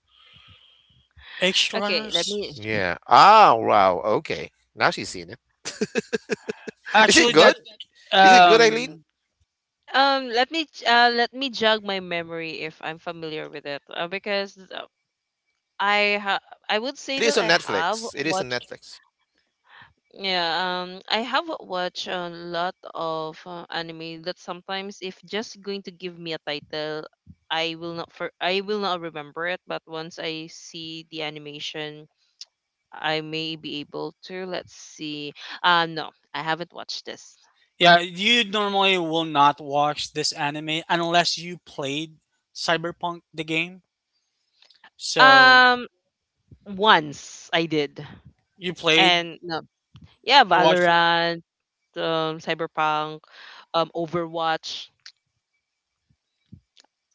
Speaker 3: Extra
Speaker 1: Okay, let
Speaker 3: runners.
Speaker 1: me
Speaker 2: Yeah. Ah, wow. Okay. Now she's seen it. Is it
Speaker 3: Actually,
Speaker 2: good?
Speaker 3: that
Speaker 2: Is it good, Eileen?
Speaker 3: um,
Speaker 1: let me jog my memory if I'm familiar with it, because I ha I would say
Speaker 2: It
Speaker 1: that
Speaker 2: is on
Speaker 1: I have
Speaker 2: Netflix. It is on
Speaker 1: watched,
Speaker 2: Netflix.
Speaker 1: yeah, I have watched a lot of anime that sometimes if just going to give me a title, I will not remember it, but once I see the animation, I may be able to. Let's see. No, I haven't watched this.
Speaker 3: yeah, you normally will not watch this anime unless you played Cyberpunk the game. So
Speaker 1: Um, once I did,
Speaker 3: you played,
Speaker 1: and no, yeah,
Speaker 3: you watched it.
Speaker 1: Valorant, Cyberpunk, Overwatch.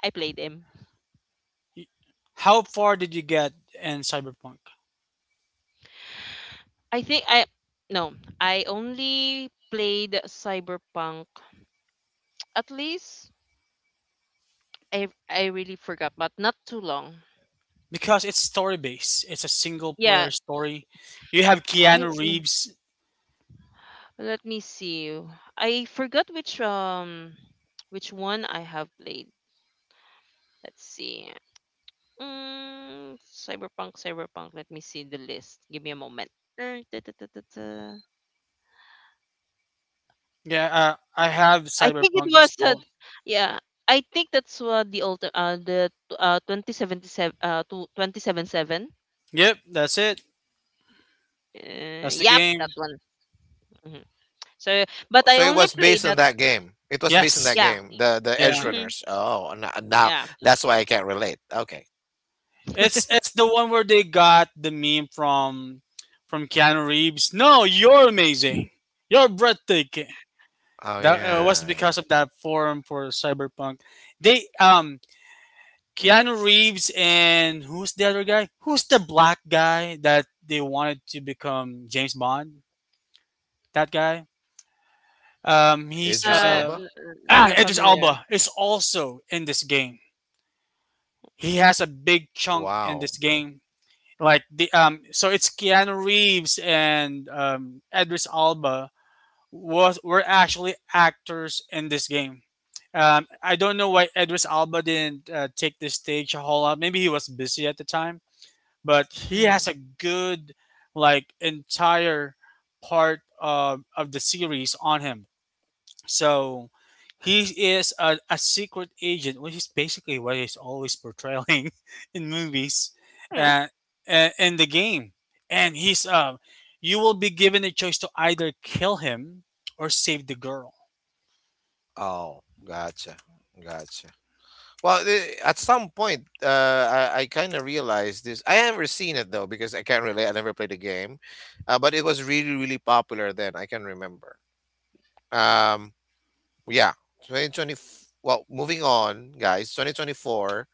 Speaker 1: I played them.
Speaker 3: You- How far did you get in Cyberpunk?
Speaker 1: I think I no, I only played Cyberpunk. At least I really forgot, but not too long.
Speaker 3: Because it's story based. It's a single
Speaker 1: Yeah,
Speaker 3: player story. You have
Speaker 1: I,
Speaker 3: Keanu Reeves.
Speaker 1: let me see. I forgot which one I have played. Let's see. Mm, cyberpunk, cyberpunk. Let me see the list. Give me a moment. Da, da, da, da, da.
Speaker 3: Yeah, I have
Speaker 1: I think it
Speaker 3: Cyberpunk
Speaker 1: was
Speaker 3: installed.
Speaker 1: yeah. I think that's the old 2077 277.
Speaker 3: Yep, that's it. That's the
Speaker 1: Yep,
Speaker 3: game.
Speaker 1: that one. Hmm. So,
Speaker 2: Oh,
Speaker 1: but I
Speaker 2: so it
Speaker 1: only
Speaker 2: was
Speaker 1: played
Speaker 2: based on
Speaker 1: that.
Speaker 2: that
Speaker 1: Uh,
Speaker 2: game. It was based on that
Speaker 3: Yes.
Speaker 1: yeah.
Speaker 2: game. The Edge
Speaker 3: Yeah.
Speaker 1: Hmm.
Speaker 2: Runners. Oh, now
Speaker 1: Yeah.
Speaker 2: that's why I can't relate. Okay.
Speaker 3: It's
Speaker 1: <laughs>
Speaker 3: it's the one where they got the meme from Keanu Reeves. No, you're amazing. You're breathtaking.
Speaker 2: Oh
Speaker 3: That was
Speaker 2: yeah,
Speaker 3: because of that forum for Cyberpunk. They Keanu Reeves and who's the other guy? Who's the black guy that they wanted to become James Bond? That guy. He's
Speaker 2: Idris Elba.
Speaker 3: Ah,
Speaker 1: Not
Speaker 3: Idris
Speaker 1: familiar.
Speaker 3: Alba is also in this game. He has a big chunk in
Speaker 2: Wow.
Speaker 3: this game. Like the so it's Keanu Reeves and Idris Alba was were actually actors in this game. I don't know why Idris Alba didn't take the stage a whole lot. Maybe he was busy at the time, but he
Speaker 1: Mm.
Speaker 3: has a good like entire part of the series on him. So he is a secret agent, which is basically what he's always portraying <laughs> in movies uh,
Speaker 1: <laughs>
Speaker 3: in the game. And he's you will be given a choice to either kill him or save the girl.
Speaker 2: Oh, gotcha, gotcha. Well, at some point, I kind of realized this. I haven't seen it though because I can't relate. I never played the game, but it was really, really popular then. I can remember. Um, yeah, 2020. Well, moving on, guys. 2024.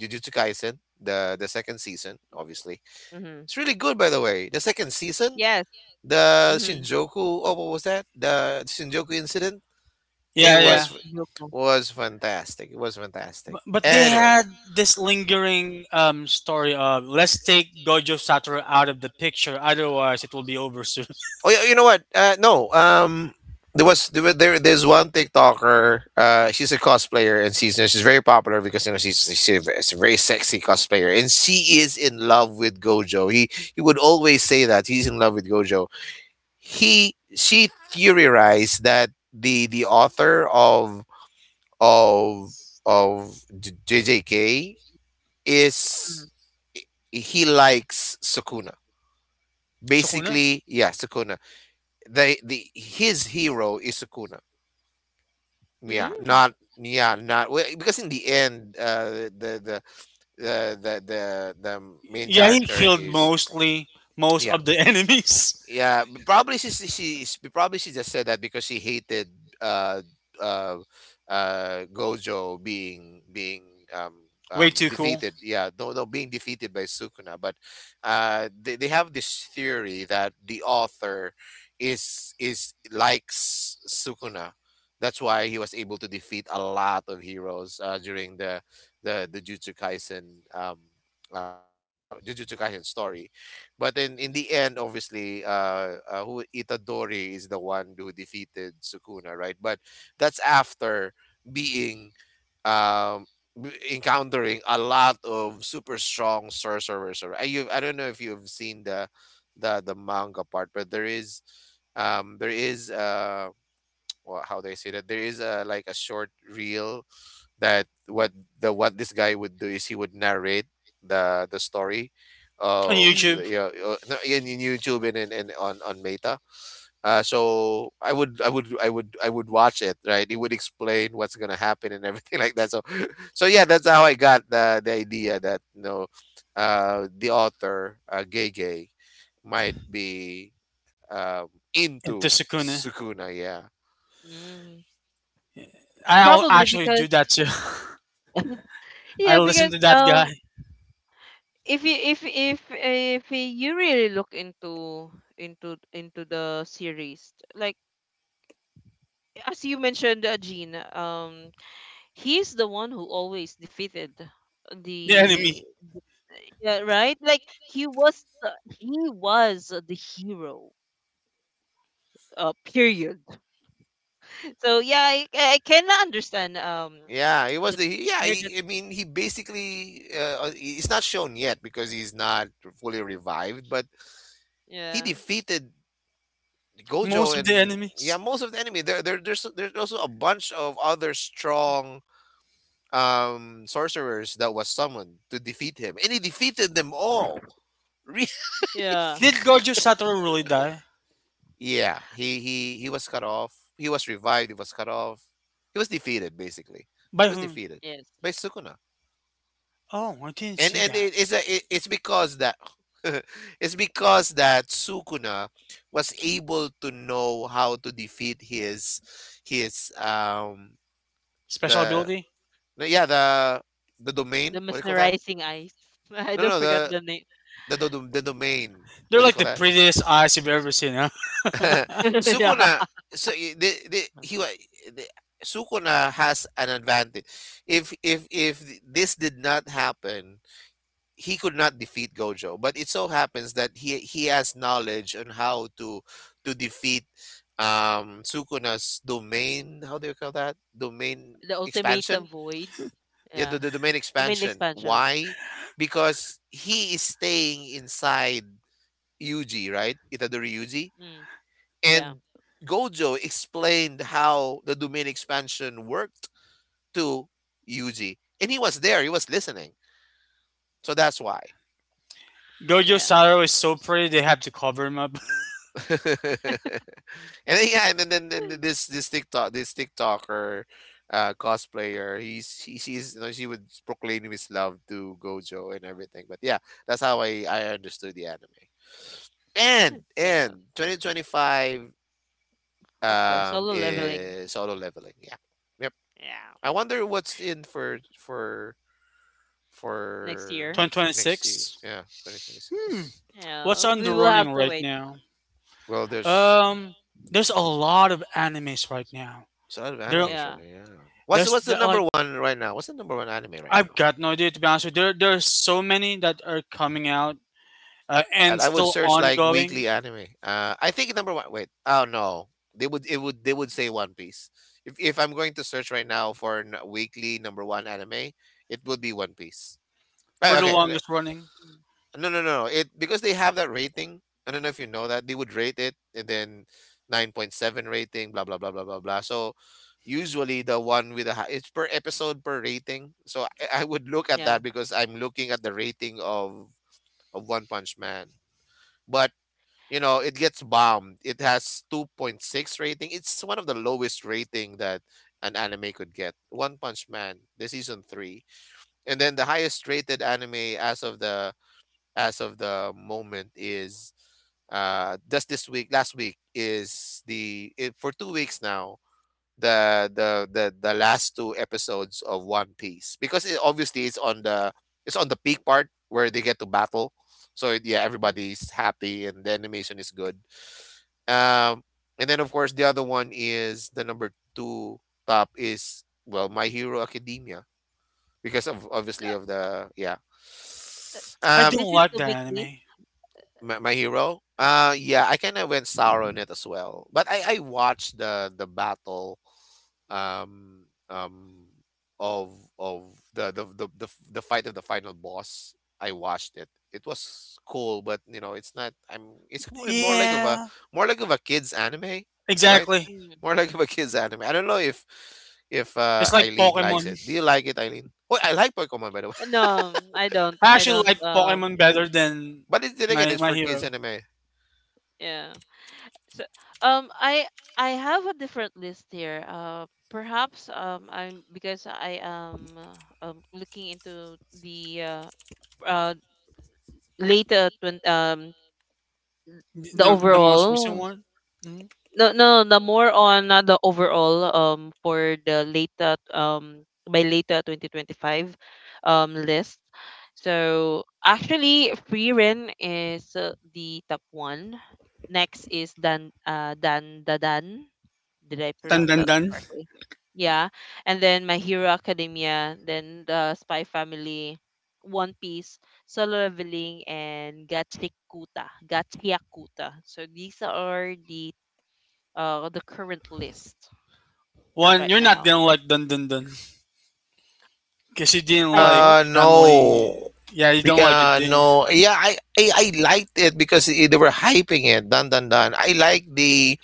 Speaker 2: Jujutsu Kaisen, the second season, obviously,
Speaker 1: Mm-hmm.
Speaker 2: it's really good. By the way, the second season,
Speaker 1: Yes.
Speaker 2: the
Speaker 1: Mm-hmm.
Speaker 2: Shinjuku. Oh, what was that? The Shinjuku incident. It
Speaker 3: Yeah,
Speaker 1: Yeah,
Speaker 3: yeah.
Speaker 1: it's Yoko.
Speaker 2: was fantastic. It was fantastic.
Speaker 3: But they
Speaker 2: Anyways,
Speaker 3: had this lingering story of let's take Gojo Satoru out of the picture, otherwise it will be over soon. <laughs>
Speaker 2: oh yeah, you know what? No, there's one TikToker. She's a cosplayer and she's very popular because you know she's a very sexy cosplayer and she is in love with Gojo. He would always say that he's in love with Gojo. He She theorized that the author of of JJK is
Speaker 1: Mm.
Speaker 2: he likes Sukuna.
Speaker 3: So who knows?
Speaker 2: Basically, yeah, Sukuna. The His hero is Sukuna. Yeah,
Speaker 1: Mm.
Speaker 2: not. Well, because in the end, the main
Speaker 3: Yeah, he
Speaker 2: character
Speaker 3: killed
Speaker 2: is.
Speaker 3: mostly most
Speaker 2: Yeah.
Speaker 3: of the <laughs> enemies.
Speaker 2: Yeah, probably probably she just said that because she hated uh uh Gojo being um
Speaker 3: Way too cool
Speaker 2: defeated. Yeah, no, being defeated by Sukuna, but they have this theory that the author is likes Sukuna. That's why he was able to defeat a lot of heroes during the Jujutsu Kaisen um episode, no, Jujutsu Kaisen story. But then in the end, obviously, who Itadori is the one who defeated Sukuna, right? But that's after being. um, Encountering a lot of super strong sorcerers. I don't know if you've seen the manga part, but there is. um, there is uh, <tsk> well, how do I say that? There is a, like, a short reel that. What the what this guy would do is he would narrate the story
Speaker 3: on
Speaker 2: of,
Speaker 3: YouTube.
Speaker 2: you know, no, in YouTube and, and on Meta. So I would, I would watch it, right. He would explain what's gonna happen and everything <laughs> like that. So yeah, that's how I got the idea that, you know, the author, Gay Gay might be um,
Speaker 3: And
Speaker 2: into
Speaker 3: Tsukune.
Speaker 2: Sukuna. Yeah.
Speaker 1: Mm-hmm.
Speaker 3: I'll
Speaker 1: Probably
Speaker 3: actually
Speaker 1: because
Speaker 3: do that too. <laughs> I
Speaker 1: yeah,
Speaker 3: listen
Speaker 1: because
Speaker 3: to that guy,
Speaker 1: if you if you really look into into the series, like as you mentioned, Gene, he's the one who always defeated
Speaker 3: <laughs> the enemy.
Speaker 1: the. Yeah, right. Like he was the, he was the hero. Period. <laughs> So yeah, I can understand
Speaker 2: Yeah, he was
Speaker 1: the
Speaker 2: the yeah.
Speaker 1: where the
Speaker 2: I mean, he basically. It's not shown yet because he's not fully revived, but he
Speaker 1: yeah.
Speaker 2: defeated Gojo
Speaker 3: Most of the
Speaker 2: and, yeah,
Speaker 3: enemies.
Speaker 2: most of the enemy. There's also a bunch of other strong sorcerers that was summoned to defeat him, and he defeated them all. <laughs> Really?
Speaker 1: Yeah,
Speaker 3: Did Gojo Satoru really die?
Speaker 2: Yeah, he was cut off. He was revived. He was cut off. He was defeated, basically.
Speaker 3: By
Speaker 2: He was
Speaker 3: whom?
Speaker 2: defeated
Speaker 1: yes,
Speaker 2: by Sukuna.
Speaker 3: Oh, I didn't
Speaker 2: and
Speaker 3: see
Speaker 2: and
Speaker 3: that.
Speaker 2: it's because that <laughs> it's because that Sukuna was able to know how to defeat his his um
Speaker 3: Special
Speaker 2: the
Speaker 3: ability?
Speaker 2: no, yeah the domain,
Speaker 1: the
Speaker 2: what do you call that?
Speaker 1: mesmerizing eyes. <laughs> I
Speaker 2: No
Speaker 1: don't
Speaker 2: no
Speaker 1: forget
Speaker 2: the
Speaker 1: the name.
Speaker 2: The domain,
Speaker 3: They're
Speaker 2: what do you
Speaker 3: like
Speaker 2: call
Speaker 3: the
Speaker 2: that?
Speaker 3: prettiest eyes you've ever seen, huh?
Speaker 2: <laughs>
Speaker 1: <laughs> Yeah.
Speaker 2: Sukuna, so I- the, he wa- the, Sukuna has an advantage. If this did not happen, he could not defeat Gojo, but it so happens that he has knowledge on how to defeat Sukuna's domain. How do you call that? Domain
Speaker 1: The ultimate
Speaker 2: expansion.
Speaker 1: void.
Speaker 2: Yeah,
Speaker 1: Yeah.
Speaker 2: the domain
Speaker 1: Domain
Speaker 2: expansion.
Speaker 1: expansion.
Speaker 2: Why? Because he is staying inside Yuji, right? Itadori Yuji,
Speaker 1: Mm. Yeah.
Speaker 2: and Gojo explained how the domain expansion worked to Yuji, and he was there. He was listening, so that's why.
Speaker 3: <laughs> Gojo
Speaker 1: Yeah.
Speaker 3: Satoru is so pretty they have to cover him up. <laughs>
Speaker 2: <laughs> And then, this TikTok, this TikToker, cosplayer, she's she would proclaim his love to Gojo and everything. But yeah, that's how I understood the anime. And
Speaker 1: Yeah.
Speaker 2: and 2025
Speaker 1: Of course. Solo leveling.
Speaker 2: is solo leveling. Yeah. Yep.
Speaker 1: Yeah.
Speaker 2: I wonder what's in for for
Speaker 1: Next
Speaker 2: for
Speaker 1: year.
Speaker 2: next year.
Speaker 3: 2026.
Speaker 2: Yeah, 2026.
Speaker 3: What's
Speaker 1: Yeah.
Speaker 3: on
Speaker 1: We
Speaker 3: the
Speaker 1: will have
Speaker 3: running
Speaker 1: to
Speaker 3: right
Speaker 1: wait.
Speaker 3: now?
Speaker 2: Well,
Speaker 3: Um, there's a lot of animes right now.
Speaker 2: there's a lot of
Speaker 3: There,
Speaker 2: animes right
Speaker 1: Yeah.
Speaker 2: now. Yeah. What's
Speaker 3: there's
Speaker 2: what's the
Speaker 3: there,
Speaker 2: number
Speaker 3: like
Speaker 2: one right now? What's the number one anime right
Speaker 3: I've
Speaker 2: now?
Speaker 3: got no idea to be honest with you. There are so many that are coming out
Speaker 2: That
Speaker 3: and
Speaker 2: I would
Speaker 3: still
Speaker 2: search like
Speaker 3: ongoing
Speaker 2: weekly anime. I think number one. Wait. Oh no. They would say One Piece. If I'm going to search right now for weekly number one anime, it would be One Piece.
Speaker 3: for the
Speaker 2: Okay.
Speaker 3: longest running.
Speaker 1: Mm.
Speaker 2: No, no, no. It, because they have that rating. I don't know if you know that they would rate it, and then 9.7 rating, blah blah blah blah blah blah. So usually the one with the high, it's per episode per rating. So I would look at
Speaker 1: Yeah.
Speaker 2: that because I'm looking at the rating of One Punch Man. But you know, it gets bombed. It has 2.6 rating. It's one of the lowest rating that an anime could get. One Punch Man, the season 3. And then the highest rated anime as of the moment is just this week last week, for 2 weeks now, the, the last two episodes of One Piece, because obviously it's on the, it's on the peak part where they get to battle. So it, yeah,
Speaker 1: Mhm.
Speaker 2: everybody's happy and the animation is good. um and then of course the other one is the number two top is, well, My Hero Academia, because of
Speaker 1: Uh,
Speaker 2: obviously of the, yeah.
Speaker 3: I
Speaker 2: um
Speaker 1: This
Speaker 3: don't
Speaker 1: is
Speaker 3: like
Speaker 1: the
Speaker 3: that
Speaker 1: weekly.
Speaker 3: anime.
Speaker 2: My, my hero? Yeah, I kind of went sour on it as well. But I watched the battle um um of the fight of the final boss. I watched it. It was cool, but you know, it's not, I'm it's more like of a,
Speaker 3: Yeah,
Speaker 2: more like of a kids anime, right?
Speaker 3: exactly.
Speaker 1: Mm.
Speaker 2: More like of a kids anime. I don't know if uh,
Speaker 3: It's like
Speaker 2: Eileen likes
Speaker 3: Pokemon.
Speaker 2: it. Do you like it, Eileen? Oh, I like Pokemon, by the way. <laughs>
Speaker 1: No, I don't.
Speaker 3: I
Speaker 1: I
Speaker 3: actually
Speaker 1: don't.
Speaker 3: like Pokemon better than
Speaker 2: But it's, then again,
Speaker 3: my
Speaker 2: it's
Speaker 3: my
Speaker 2: for kids
Speaker 3: hero.
Speaker 2: anime.
Speaker 1: Yeah. So, um, I I have a different list here. Perhaps I'm because I am looking into the uh later twen- um the
Speaker 3: The most recent
Speaker 1: overall,
Speaker 3: one. Mhm.
Speaker 1: no no, the more on the overall for the later by later 2025 list. So actually, free ren is the top one. Next is dan dadan. Did I
Speaker 3: Dun
Speaker 1: pronounce
Speaker 3: dun
Speaker 1: that
Speaker 3: dun.
Speaker 1: correctly? Yeah. And then My Hero Academia, then the Spy Family, One Piece, Solo Leveling, and Gatsikuta, Gatsyakuta. So these are the current list
Speaker 3: One,
Speaker 1: right
Speaker 3: you're not
Speaker 1: now.
Speaker 3: gonna like dun dun dun because you didn't
Speaker 1: I
Speaker 3: like
Speaker 1: won't.
Speaker 2: Uh,
Speaker 3: family.
Speaker 2: no.
Speaker 3: Yeah, you don't like it. Do you?
Speaker 2: No, yeah, I liked it because they were hyping it. Dun dun dun. I like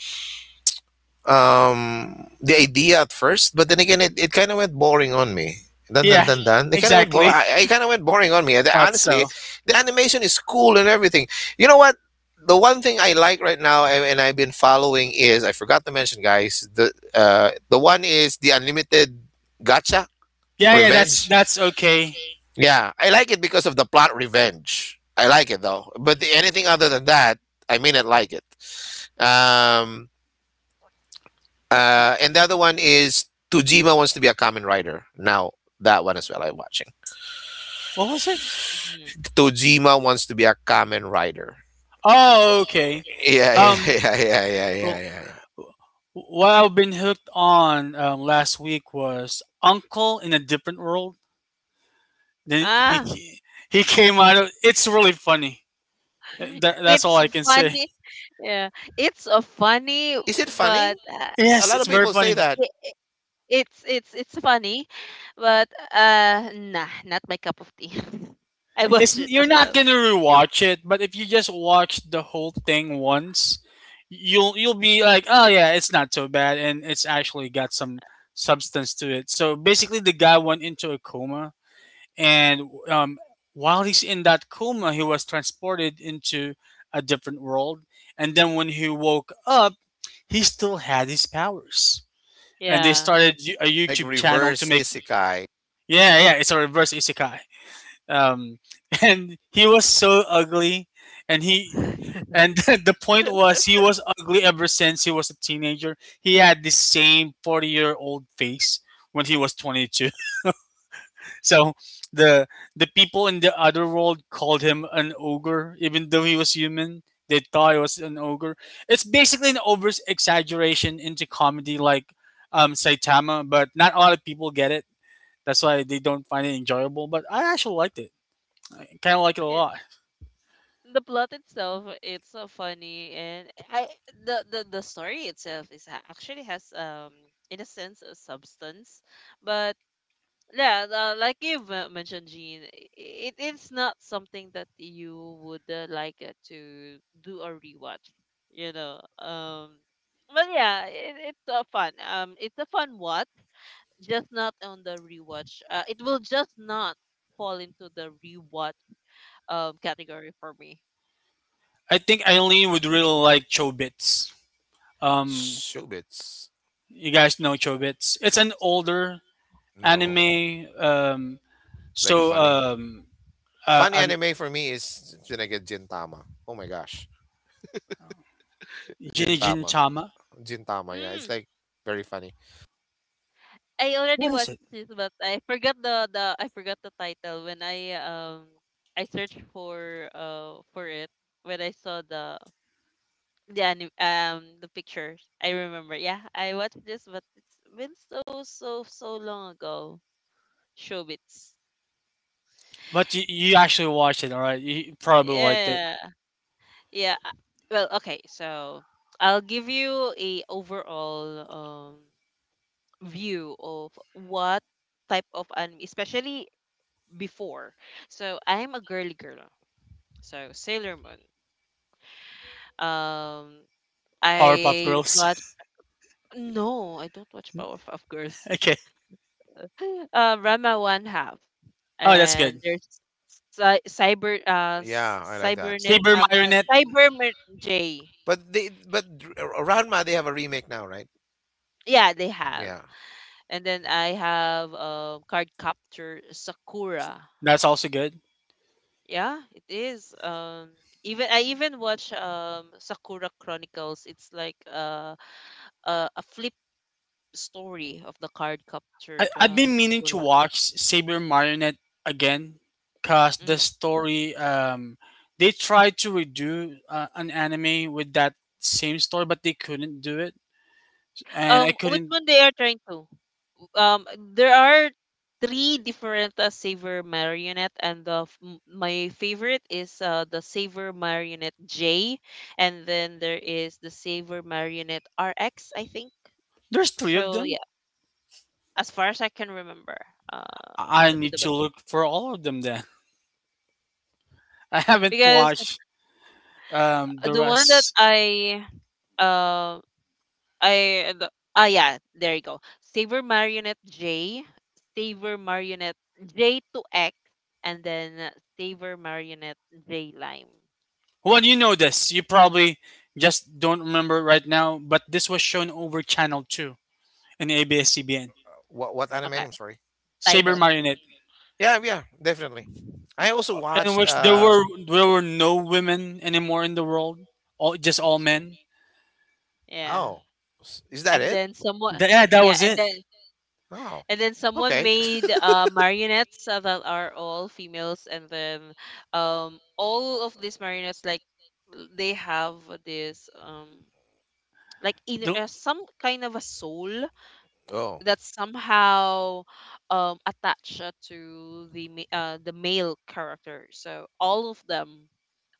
Speaker 2: um the idea at first, but then again, it kind of went boring on me. Dun dun
Speaker 3: Yeah,
Speaker 2: dun dun. It kind of went
Speaker 3: exactly. <laughs>
Speaker 2: I kind of went boring on me. And
Speaker 3: Thought
Speaker 2: honestly,
Speaker 3: so.
Speaker 2: the animation is cool and everything. You know what? The one thing I like right now, and I've been following, is, I forgot to mention, guys, the the one is The Unlimited Gacha.
Speaker 3: Yeah, yeah.
Speaker 2: Revenge.
Speaker 3: That's okay.
Speaker 2: Yeah, I like it because of the plot, revenge. I like it though. But the, anything other than that, I may not like it. Um uh, and the other one is Tujima Wants to Be a Kamen Rider. Now that one as well I'm watching.
Speaker 3: What was it?
Speaker 1: Mhm.
Speaker 2: Tujima Wants to Be a Kamen Rider.
Speaker 3: Oh, okay.
Speaker 2: Yeah, yeah, <laughs>
Speaker 3: Um.
Speaker 2: yeah, yeah, yeah, yeah, yeah,
Speaker 3: Well,
Speaker 2: yeah.
Speaker 3: what I've been hooked on last week was Uncle in a Different World. Then he
Speaker 1: Ah,
Speaker 3: ca- he came out of. It's really funny.
Speaker 1: <laughs>
Speaker 3: That's all
Speaker 1: it's
Speaker 3: I can say.
Speaker 1: funny. Yeah, it's a funny,
Speaker 2: Is it funny?
Speaker 1: but
Speaker 2: A
Speaker 3: Yes,
Speaker 2: lot of
Speaker 3: it's very
Speaker 2: people say
Speaker 3: funny.
Speaker 2: that.
Speaker 1: i i- it's it's funny, but nah, not my cup of tea. <laughs> I
Speaker 3: It's
Speaker 1: watch it
Speaker 3: you're
Speaker 1: as
Speaker 3: not
Speaker 1: well.
Speaker 3: gonna rewatch it, but if you just watch the whole thing once, you'll be like, oh yeah, it's not so bad, and it's actually got some substance to it. So basically, the guy went into a coma, and while he's in that coma, he was transported into a different world. And then when he woke up, he still had his powers. And they
Speaker 1: Yeah.
Speaker 3: started a
Speaker 2: It's like
Speaker 3: YouTube channel to
Speaker 2: reverse
Speaker 3: make
Speaker 2: isekai.
Speaker 3: yeah yeah it's a reverse isekai. Um, <laughs> and he was so ugly, and he and <laughs> the point was he was ugly ever since he was a teenager. He had the same 40-year old face when he was 22. So the the people in the other world called him an ogre, even though he was human. They thought he was an ogre. It's basically an over exaggeration into comedy, like Saitama, but not a lot of people get it. That's why they don't find it enjoyable. But I actually liked it. I kind of like it a
Speaker 1: Yeah.
Speaker 3: lot.
Speaker 1: The plot itself, it's so funny, and I, the story itself actually has in a sense, a substance. But yeah, the, like you have mentioned, Jean, it is not something that you would like to do a rewatch, you know. Um, but yeah, it, it's a fun. Um, it's a fun watch, just not on the rewatch. It will just not fall into the rewatch category for me.
Speaker 3: I think Eileen would really like Chobits. Um,
Speaker 2: Shubits.
Speaker 3: you guys know Chobits. It's an older
Speaker 2: No.
Speaker 3: anime.
Speaker 2: Like
Speaker 3: So
Speaker 2: funny. Funny
Speaker 3: an
Speaker 2: anime for me is Jinage Gintama. Oh my gosh.
Speaker 3: Jinjin
Speaker 2: Gintama.
Speaker 3: Tama.
Speaker 2: Gintama, yeah. It's
Speaker 1: Mm,
Speaker 2: like very funny.
Speaker 1: I already
Speaker 3: What is
Speaker 1: watched
Speaker 3: it?
Speaker 1: this, but I forgot the, I forgot the title when I searched for it when I saw the, the pictures. I remember. Yeah, I watched this, but it's been so, so, so long ago. Showbiz.
Speaker 3: But you actually watched it, all right? You probably liked it.
Speaker 1: Yeah, yeah. Uh, well, okay. So I'll give you a overall um view of what type of anime, especially before. So I'm a girly girl. So Sailor Moon. Um,
Speaker 3: Powerpuff
Speaker 1: I
Speaker 3: Girls.
Speaker 1: watch. No, I don't watch Powerpuff Girls.
Speaker 3: <laughs> Okay.
Speaker 1: <laughs> Rama One Half,
Speaker 3: Oh, that's
Speaker 1: and
Speaker 3: good.
Speaker 1: there's Cy- Cyber uh s-
Speaker 2: Yeah, I like that.
Speaker 1: Cybernet
Speaker 3: Saber Marionette.
Speaker 1: Cyberman J.
Speaker 2: But they but Ranma, they have a remake now, right?
Speaker 1: Yeah, they have.
Speaker 2: Yeah.
Speaker 1: And then I have card capture Sakura.
Speaker 3: That's also good.
Speaker 1: Yeah, it is. Even I even watch Sakura Chronicles. It's like a flip story of the card captured
Speaker 3: I've been meaning to
Speaker 1: Sakura.
Speaker 3: watch Saber Marionette again because the
Speaker 1: Mm.
Speaker 3: story, they tried to redo an anime with that same story, but they couldn't do it. And I
Speaker 1: Which
Speaker 3: couldn't.
Speaker 1: one they are trying to? Um, there are three different Saver marionette, and my favorite is the Saver marionette J, and then there is the Saver marionette RX, I think.
Speaker 3: There's three of
Speaker 1: So
Speaker 3: them.
Speaker 1: yeah, as far as I can remember, uh,
Speaker 3: I
Speaker 1: let me
Speaker 3: need
Speaker 1: double
Speaker 3: to look for all of them then. <laughs> I haven't
Speaker 1: because
Speaker 3: watched the
Speaker 1: the one that
Speaker 3: rest.
Speaker 1: um I the, ah yeah, there you go. Saver Marionette J, Saver Marionette J to X, and then Saver Marionette J Lime.
Speaker 3: Well, you know this. You probably just don't remember right now, but this was shown over Channel 2 in ABS-CBN.
Speaker 2: What anime?
Speaker 1: Okay,
Speaker 2: I'm sorry.
Speaker 3: Saber
Speaker 1: title.
Speaker 3: Marionette,
Speaker 2: Yeah, yeah, definitely. I also
Speaker 3: in
Speaker 2: watched
Speaker 3: which
Speaker 2: uh,
Speaker 3: there were no women anymore in the world, all just all men.
Speaker 1: Yeah.
Speaker 2: oh. Is that
Speaker 1: And
Speaker 2: it?
Speaker 1: then someone,
Speaker 3: Yeah, that
Speaker 1: yeah,
Speaker 3: was it.
Speaker 2: Oh.
Speaker 1: and then someone
Speaker 2: Okay.
Speaker 1: made
Speaker 2: <laughs>
Speaker 1: marionettes that are all females, and then all of these marionettes, like, they have this like in
Speaker 3: The-
Speaker 1: some kind of a soul
Speaker 2: Oh.
Speaker 1: that's somehow attached to the the male character. So all of them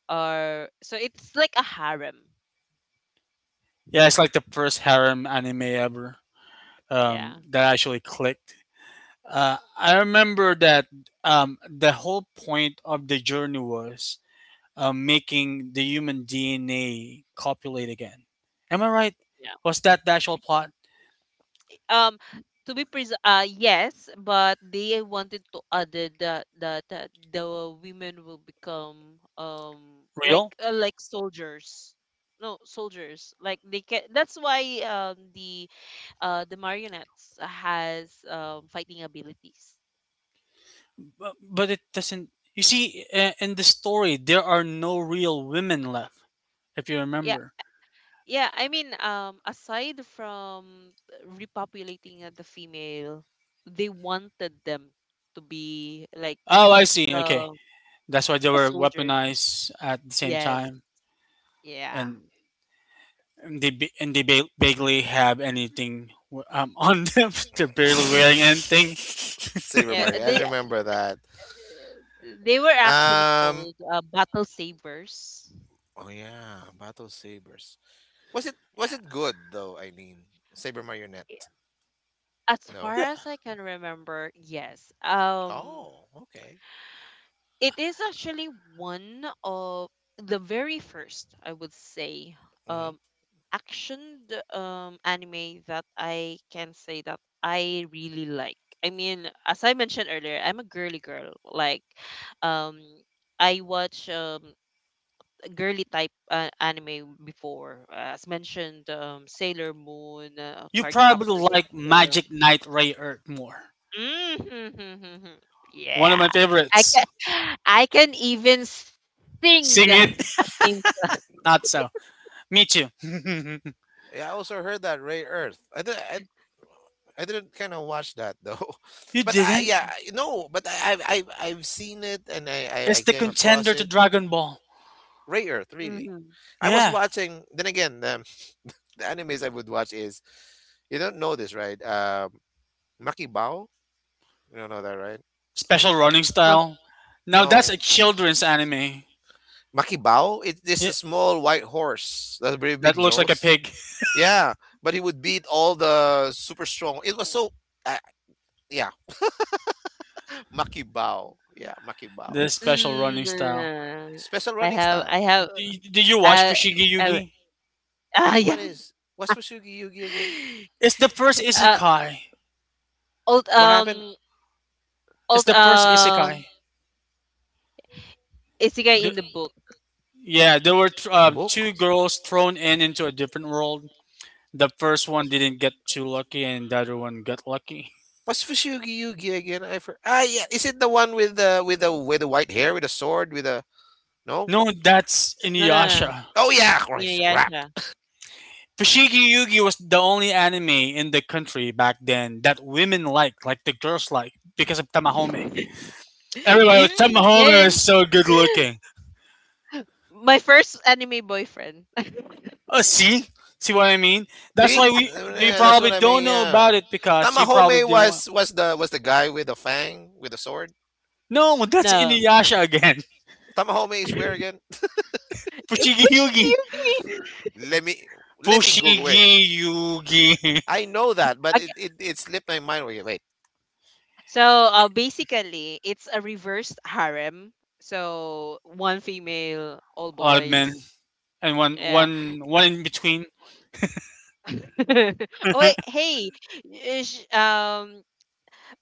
Speaker 1: are, so it's like a harem.
Speaker 3: yeah, it's like the first harem anime ever
Speaker 1: Yeah,
Speaker 3: that actually clicked. I remember that the whole point of the journey was making the human DNA copulate again. Am I right?
Speaker 1: yeah.
Speaker 3: Was that the actual plot
Speaker 1: um to be pres yes, but they wanted to add it that the women will become
Speaker 3: real?
Speaker 1: like soldiers. No, soldiers, like they can, that's why um the the marionettes has fighting abilities.
Speaker 3: But it doesn't. You see, in the story, there are no real women left, if you
Speaker 1: Yeah,
Speaker 3: remember.
Speaker 1: yeah, I mean, aside from repopulating the female, they wanted them to be like
Speaker 3: Oh, I see. Okay,
Speaker 1: uh,
Speaker 3: that's why they
Speaker 1: a
Speaker 3: were
Speaker 1: soldier.
Speaker 3: weaponized at the same
Speaker 1: Yes.
Speaker 3: time,
Speaker 1: Yeah.
Speaker 3: and, barely have anything <laughs> on them. They're
Speaker 2: <laughs>
Speaker 3: barely wearing anything.
Speaker 2: Saber
Speaker 1: Yeah,
Speaker 2: Mario. I remember that.
Speaker 1: they were actually
Speaker 2: Um,
Speaker 1: called battle sabers.
Speaker 2: oh yeah, Battle Sabers. Was it, was
Speaker 1: Yeah.
Speaker 2: it good though, Eileen? Saber Marionette.
Speaker 1: I, as
Speaker 2: No.
Speaker 1: far
Speaker 3: Yeah,
Speaker 1: as I can remember, yes.
Speaker 2: Oh, okay.
Speaker 1: It is actually one of the very first, I would say,
Speaker 2: Hmm.
Speaker 1: action anime that I can say that I really like. I mean, as I mentioned earlier, I'm a girly girl. Like, um, I watch girly type anime before, as mentioned, Sailor Moon,
Speaker 3: you probably
Speaker 1: Cardcaptor
Speaker 3: like
Speaker 1: Sakura.
Speaker 3: Magic Knight Ray Earth more.
Speaker 1: Mm-hmm.
Speaker 3: One of my
Speaker 1: Yeah. I
Speaker 3: favorites.
Speaker 1: can <gasps> I can even sing
Speaker 3: Sing
Speaker 1: the
Speaker 3: it.
Speaker 1: theme.
Speaker 3: Not so. Me too. <laughs>
Speaker 2: Yeah, I also heard that Ray Earth. I did, I didn't kind of watch that though,
Speaker 3: You
Speaker 2: <laughs> but I,
Speaker 3: didn't?
Speaker 2: yeah, I- no, but I, I've seen it, and
Speaker 3: It's
Speaker 2: I
Speaker 3: the
Speaker 2: came
Speaker 3: contender
Speaker 2: across
Speaker 3: to
Speaker 2: it.
Speaker 3: Dragon Ball.
Speaker 2: Ray Earth, really.
Speaker 1: Mhm.
Speaker 2: I was
Speaker 3: Yeah.
Speaker 2: watching. Then again, the animes I would watch is, you don't know this, right? Maki Bao. You don't know that, right?
Speaker 3: Special running
Speaker 1: Huh.
Speaker 3: style. Now that's
Speaker 2: No.
Speaker 3: a children's anime.
Speaker 2: Makibao? It this
Speaker 3: Yeah.
Speaker 2: a small white horse. That's a very
Speaker 3: That
Speaker 2: big
Speaker 3: looks like a
Speaker 2: nose.
Speaker 3: pig. <laughs>
Speaker 2: Yeah, but he would beat all the super strong. It was so, uh, yeah, <laughs> Makibao. Yeah, Makibao.
Speaker 3: The special running style.
Speaker 1: Mm.
Speaker 2: Special
Speaker 1: I
Speaker 2: running
Speaker 1: have
Speaker 2: style.
Speaker 1: I have
Speaker 3: Did you watch
Speaker 1: uh,
Speaker 3: Fushigi
Speaker 1: uh,
Speaker 3: Yugi?
Speaker 1: yeah.
Speaker 2: What is, what's Fusugi Yugi again?
Speaker 3: It's the first
Speaker 1: <laughs> Uh,
Speaker 3: isekai.
Speaker 1: old
Speaker 2: What happened?
Speaker 3: It's
Speaker 1: old
Speaker 3: the first isekai.
Speaker 1: isekai
Speaker 3: The,
Speaker 1: in the book.
Speaker 3: yeah, there were
Speaker 2: Book?
Speaker 3: two girls thrown in into a different world. The first one didn't get too lucky, and the other one got lucky.
Speaker 2: What's Fusugi Yugi again? I for ah yeah, is it the one with the, with the white hair, with the sword, with the, no?
Speaker 3: No, that's
Speaker 1: No, no, no.
Speaker 3: Inuyasha.
Speaker 2: Oh yeah, Christ, crap.
Speaker 1: Inuyasha.
Speaker 3: Fushigi Yugi was the only anime in the country back then that women liked, like the girls liked, because of Tamahome.
Speaker 1: <laughs>
Speaker 3: Everybody was
Speaker 1: In,
Speaker 3: Tamahome was
Speaker 1: yes.
Speaker 3: so good looking.
Speaker 1: My first anime boyfriend.
Speaker 3: See, see what I mean? That's
Speaker 2: See,
Speaker 3: why we you
Speaker 2: yeah, that's
Speaker 3: probably
Speaker 2: what I
Speaker 3: don't
Speaker 2: mean.
Speaker 3: know about
Speaker 2: Yeah,
Speaker 3: it because you probably
Speaker 2: Tamahome
Speaker 3: didn't want.
Speaker 2: was, was the guy with the fang with the sword.
Speaker 3: No, well,
Speaker 1: <laughs>
Speaker 3: that's
Speaker 1: No.
Speaker 3: Inuyasha again.
Speaker 2: Tamahome is
Speaker 1: <laughs>
Speaker 2: where again?
Speaker 3: <laughs>
Speaker 1: I'm
Speaker 3: Fushigi
Speaker 1: pushing
Speaker 3: Yugi.
Speaker 1: you.
Speaker 2: <laughs> Let me, let me Google.
Speaker 3: Fushigi
Speaker 2: Wait,
Speaker 3: Yugi.
Speaker 2: I know that, but
Speaker 1: <laughs>
Speaker 2: it slipped my mind. Wait, wait.
Speaker 1: So, basically, it's a reversed harem. So one female, all
Speaker 3: <laughs> A lot of men
Speaker 1: boys.
Speaker 3: and one
Speaker 1: Yeah.
Speaker 3: one one in between.
Speaker 1: <laughs> Oh, wait, hey, uh, sh- um,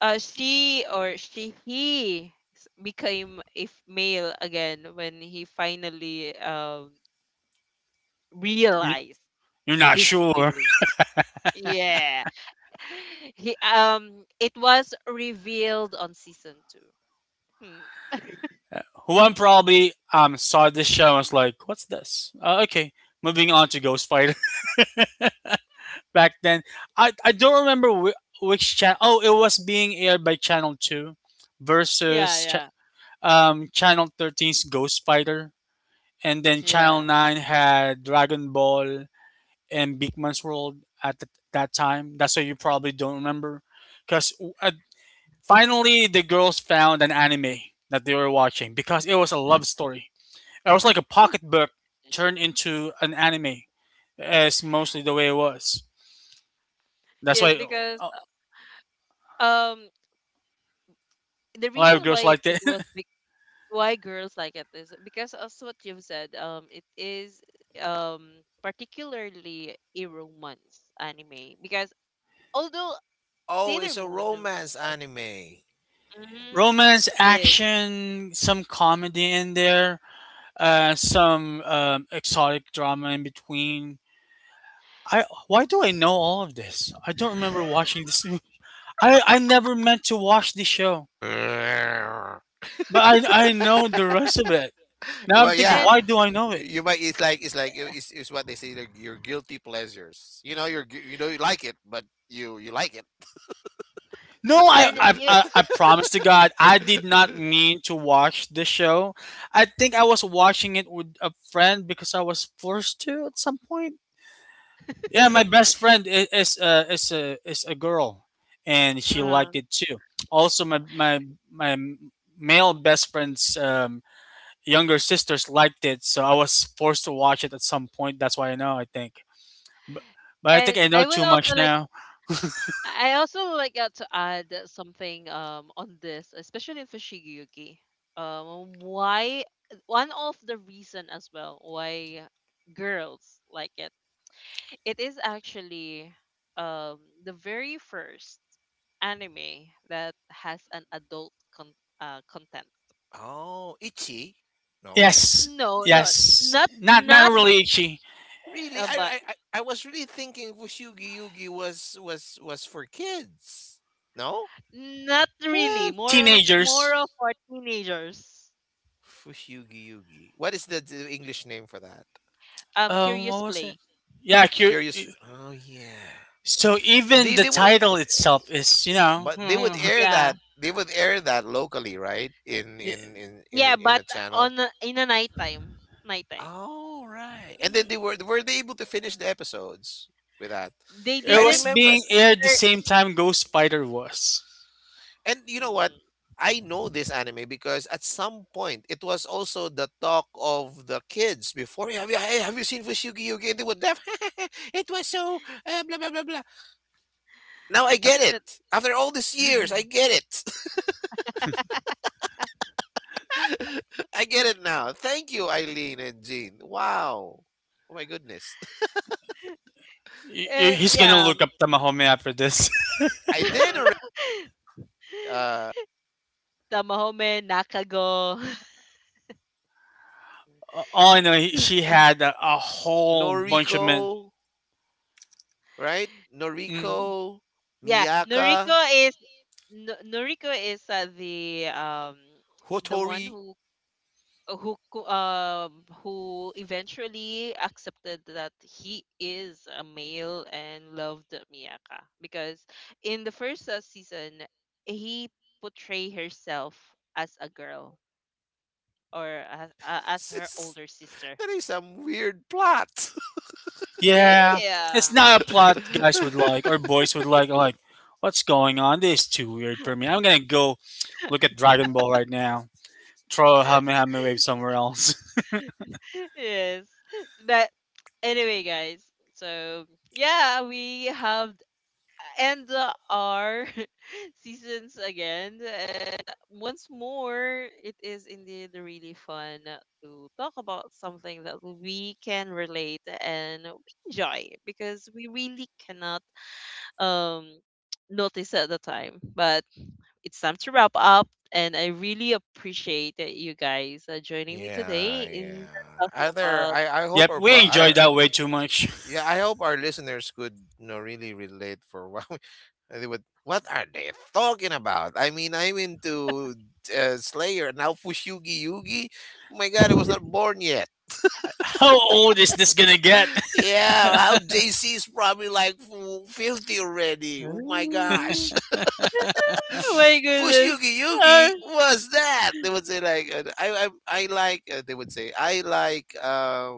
Speaker 1: she or she he became a male again when he finally realized
Speaker 3: You're not
Speaker 1: his
Speaker 3: sure.
Speaker 1: feelings. Yeah. <laughs> He it was revealed on season two. Hmm.
Speaker 3: Juan probably saw this show and was like, "What's this?" Okay, moving on to Ghost Fighter. <laughs> Back then, I don't remember which channel. Oh, it was being aired by Channel Two versus cha-
Speaker 1: Yeah,
Speaker 3: Channel 13's Ghost Fighter, and then Channel
Speaker 1: yeah,
Speaker 3: Nine had Dragon Ball and Big Man's World at that time. That's why you probably don't remember, because uh, finally the girls found an anime that they were watching because it was a
Speaker 1: yeah.
Speaker 3: love story. It was like a pocketbook
Speaker 1: <laughs>
Speaker 3: turned into an anime. Is mostly the way it was. That's
Speaker 1: Yes,
Speaker 3: why
Speaker 1: because
Speaker 3: a
Speaker 1: um the
Speaker 3: lot of
Speaker 1: reason
Speaker 3: girls
Speaker 1: why
Speaker 3: liked
Speaker 1: it
Speaker 3: it.
Speaker 1: was be- why girls like it is because, as what you've said, it is particularly a romance anime because, although
Speaker 2: Oh,
Speaker 1: Sailor
Speaker 2: it's a
Speaker 1: Moon,
Speaker 2: romance anime.
Speaker 3: <laughs>
Speaker 1: mm-hmm,
Speaker 3: Romance,
Speaker 1: is
Speaker 3: action, some comedy in there, some exotic drama in between. I why do I know all of this? I don't remember
Speaker 1: <laughs>
Speaker 3: watching this. I never meant to watch this show,
Speaker 2: Yeah.
Speaker 3: but I know the rest of it. Now I'm
Speaker 2: Well,
Speaker 3: thinking,
Speaker 2: yeah,
Speaker 1: and
Speaker 3: why do I know it?
Speaker 2: you might. It's like, it's what they say. Like your guilty pleasures. You know, you know you like it, but you like it.
Speaker 3: No, I,
Speaker 1: and
Speaker 3: I
Speaker 1: you,
Speaker 3: I I promise to God, I did not
Speaker 2: <laughs>
Speaker 3: mean to watch the show. I think I was watching it with a friend because I was forced to at some point. Yeah, my best friend is a girl, and she
Speaker 1: uh-huh,
Speaker 3: liked it too. Also, my male best friend's younger sisters liked it, so I was forced to watch it at some point. That's why I know. I think, but I
Speaker 1: and
Speaker 3: think I know
Speaker 1: I would
Speaker 3: too
Speaker 1: also
Speaker 3: much
Speaker 1: like,
Speaker 3: now.
Speaker 1: I also like to add something on this, especially in Fushigiyuki. Why one of the reason as well why girls like it. It is actually um the very first anime that has an adult content.
Speaker 2: Oh, Ichi? No,
Speaker 3: Yes,
Speaker 1: No, not
Speaker 2: Ichi.
Speaker 3: yes.
Speaker 1: not,
Speaker 3: Not not
Speaker 1: not
Speaker 3: really. She
Speaker 2: Really,
Speaker 1: but
Speaker 2: I was really thinking Fushigi Yugi was, was for kids. No,
Speaker 1: not really.
Speaker 3: Well,
Speaker 1: More on of
Speaker 3: teenagers.
Speaker 1: more of for teenagers.
Speaker 2: Fushigi Yugi. What is the English name for that?
Speaker 1: Curious
Speaker 3: What was it?
Speaker 1: Play.
Speaker 3: Yeah,
Speaker 2: Curious. Oh yeah.
Speaker 3: so even the
Speaker 2: They would,
Speaker 3: title itself is, you know,
Speaker 2: but they would
Speaker 3: <laughs>
Speaker 2: air
Speaker 1: Yeah.
Speaker 2: that, they would air that locally, right? In
Speaker 3: it
Speaker 2: in in in
Speaker 1: Yeah,
Speaker 2: a- in
Speaker 1: but
Speaker 2: a channel.
Speaker 1: on a in a nighttime, nighttime.
Speaker 2: All right. And then they were they able to finish the episodes with that?
Speaker 1: They
Speaker 2: I
Speaker 1: didn't
Speaker 3: was
Speaker 2: remember.
Speaker 1: enter.
Speaker 3: being aired the same time Ghost Spider was.
Speaker 2: And you know what?
Speaker 1: Mm.
Speaker 2: I know this anime because at some point it was also the talk of the kids before. "Hey, have you, hey, have you seen Fushigi Yugi?" And they would laugh. <laughs> It was so, blah blah blah blah. Now I
Speaker 3: Uh,
Speaker 2: get it. After all these years, I
Speaker 1: <laughs>
Speaker 2: get it. <laughs> I get it now. Thank you, Eileen and Jean. Wow. Oh my goodness.
Speaker 1: And
Speaker 3: He's
Speaker 2: <laughs>
Speaker 3: gonna
Speaker 1: yeah.
Speaker 3: look up Tamahome after this. <laughs>
Speaker 2: I did already.
Speaker 1: <laughs>
Speaker 2: Uh,
Speaker 1: Tamahome, Nakago.
Speaker 3: All I know, she had
Speaker 1: <laughs>
Speaker 3: a whole bunch of
Speaker 2: Noriko,
Speaker 3: men.
Speaker 2: right?
Speaker 3: Mm,
Speaker 2: Noriko,
Speaker 1: Yeah, Noriko
Speaker 2: Miyaka,
Speaker 1: is, Noriko is the one
Speaker 2: Hotori. <laughs>
Speaker 1: who uh, who co- um who eventually accepted that he is a male and loved Miyaka because in the first season he portray herself as a girl or as
Speaker 2: This
Speaker 1: her
Speaker 2: is,
Speaker 1: older sister.
Speaker 2: that is some weird plot.
Speaker 3: yeah,
Speaker 1: Yeah.
Speaker 3: it's not a plot guys would
Speaker 2: <laughs>
Speaker 3: like or boys would like. Like, what's going on? This is too weird for me. I'm gonna go look at Dragon Ball right now. Throw a
Speaker 1: <laughs>
Speaker 3: Hamehame wave somewhere else.
Speaker 1: Yes. But anyway, guys. So yeah, we have, and our <laughs> seasons again. And once more, it is indeed really fun to talk about something that we can relate and we enjoy because we really cannot um notice at the time. But it's time to wrap up, and I really appreciate that you guys are joining me
Speaker 2: Yeah,
Speaker 1: today
Speaker 2: yeah.
Speaker 1: in talking
Speaker 2: Either
Speaker 1: about.
Speaker 2: I hope
Speaker 3: Yep,
Speaker 2: our
Speaker 3: we enjoyed
Speaker 2: our,
Speaker 3: that way too much.
Speaker 2: yeah, I hope our listeners could, you know, really relate for what we- <laughs> they would. What are they talking about? I mean, I'm into Slayer now. Fushugi Yugi. Oh my God, I was not born yet.
Speaker 3: <laughs> How old is this gonna get? <laughs>
Speaker 2: Yeah, how JC is probably like 50 already. Oh my
Speaker 1: <laughs>
Speaker 2: gosh. <laughs>
Speaker 1: Oh my goodness.
Speaker 2: Fushigi Yugi, what's that? They would say like, I like, they would say, I like,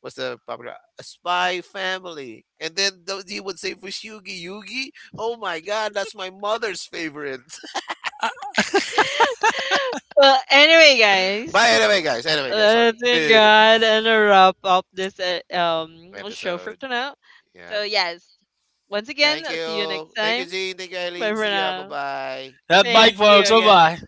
Speaker 2: what's the popular, A Spy Family. And then he would say, Fushigi Yugi, oh my God, that's my mother's favorite.
Speaker 1: <laughs> Well, anyway,
Speaker 2: <laughs>
Speaker 1: guys.
Speaker 2: But anyway, guys, sorry.
Speaker 1: Thank
Speaker 2: <laughs>
Speaker 1: God, and a wrap up this show for
Speaker 2: Episode.
Speaker 1: tonight.
Speaker 2: Yeah,
Speaker 1: So yes, once again,
Speaker 2: thank
Speaker 1: see you next
Speaker 2: you. Thank you,
Speaker 1: time.
Speaker 2: Jean. Thank you,
Speaker 1: Bye
Speaker 2: Eileen.
Speaker 1: for
Speaker 2: See ya.
Speaker 1: now.
Speaker 2: Bye-bye.
Speaker 3: That bike,
Speaker 1: Thank you
Speaker 3: folks. Bye
Speaker 1: again.
Speaker 3: bye.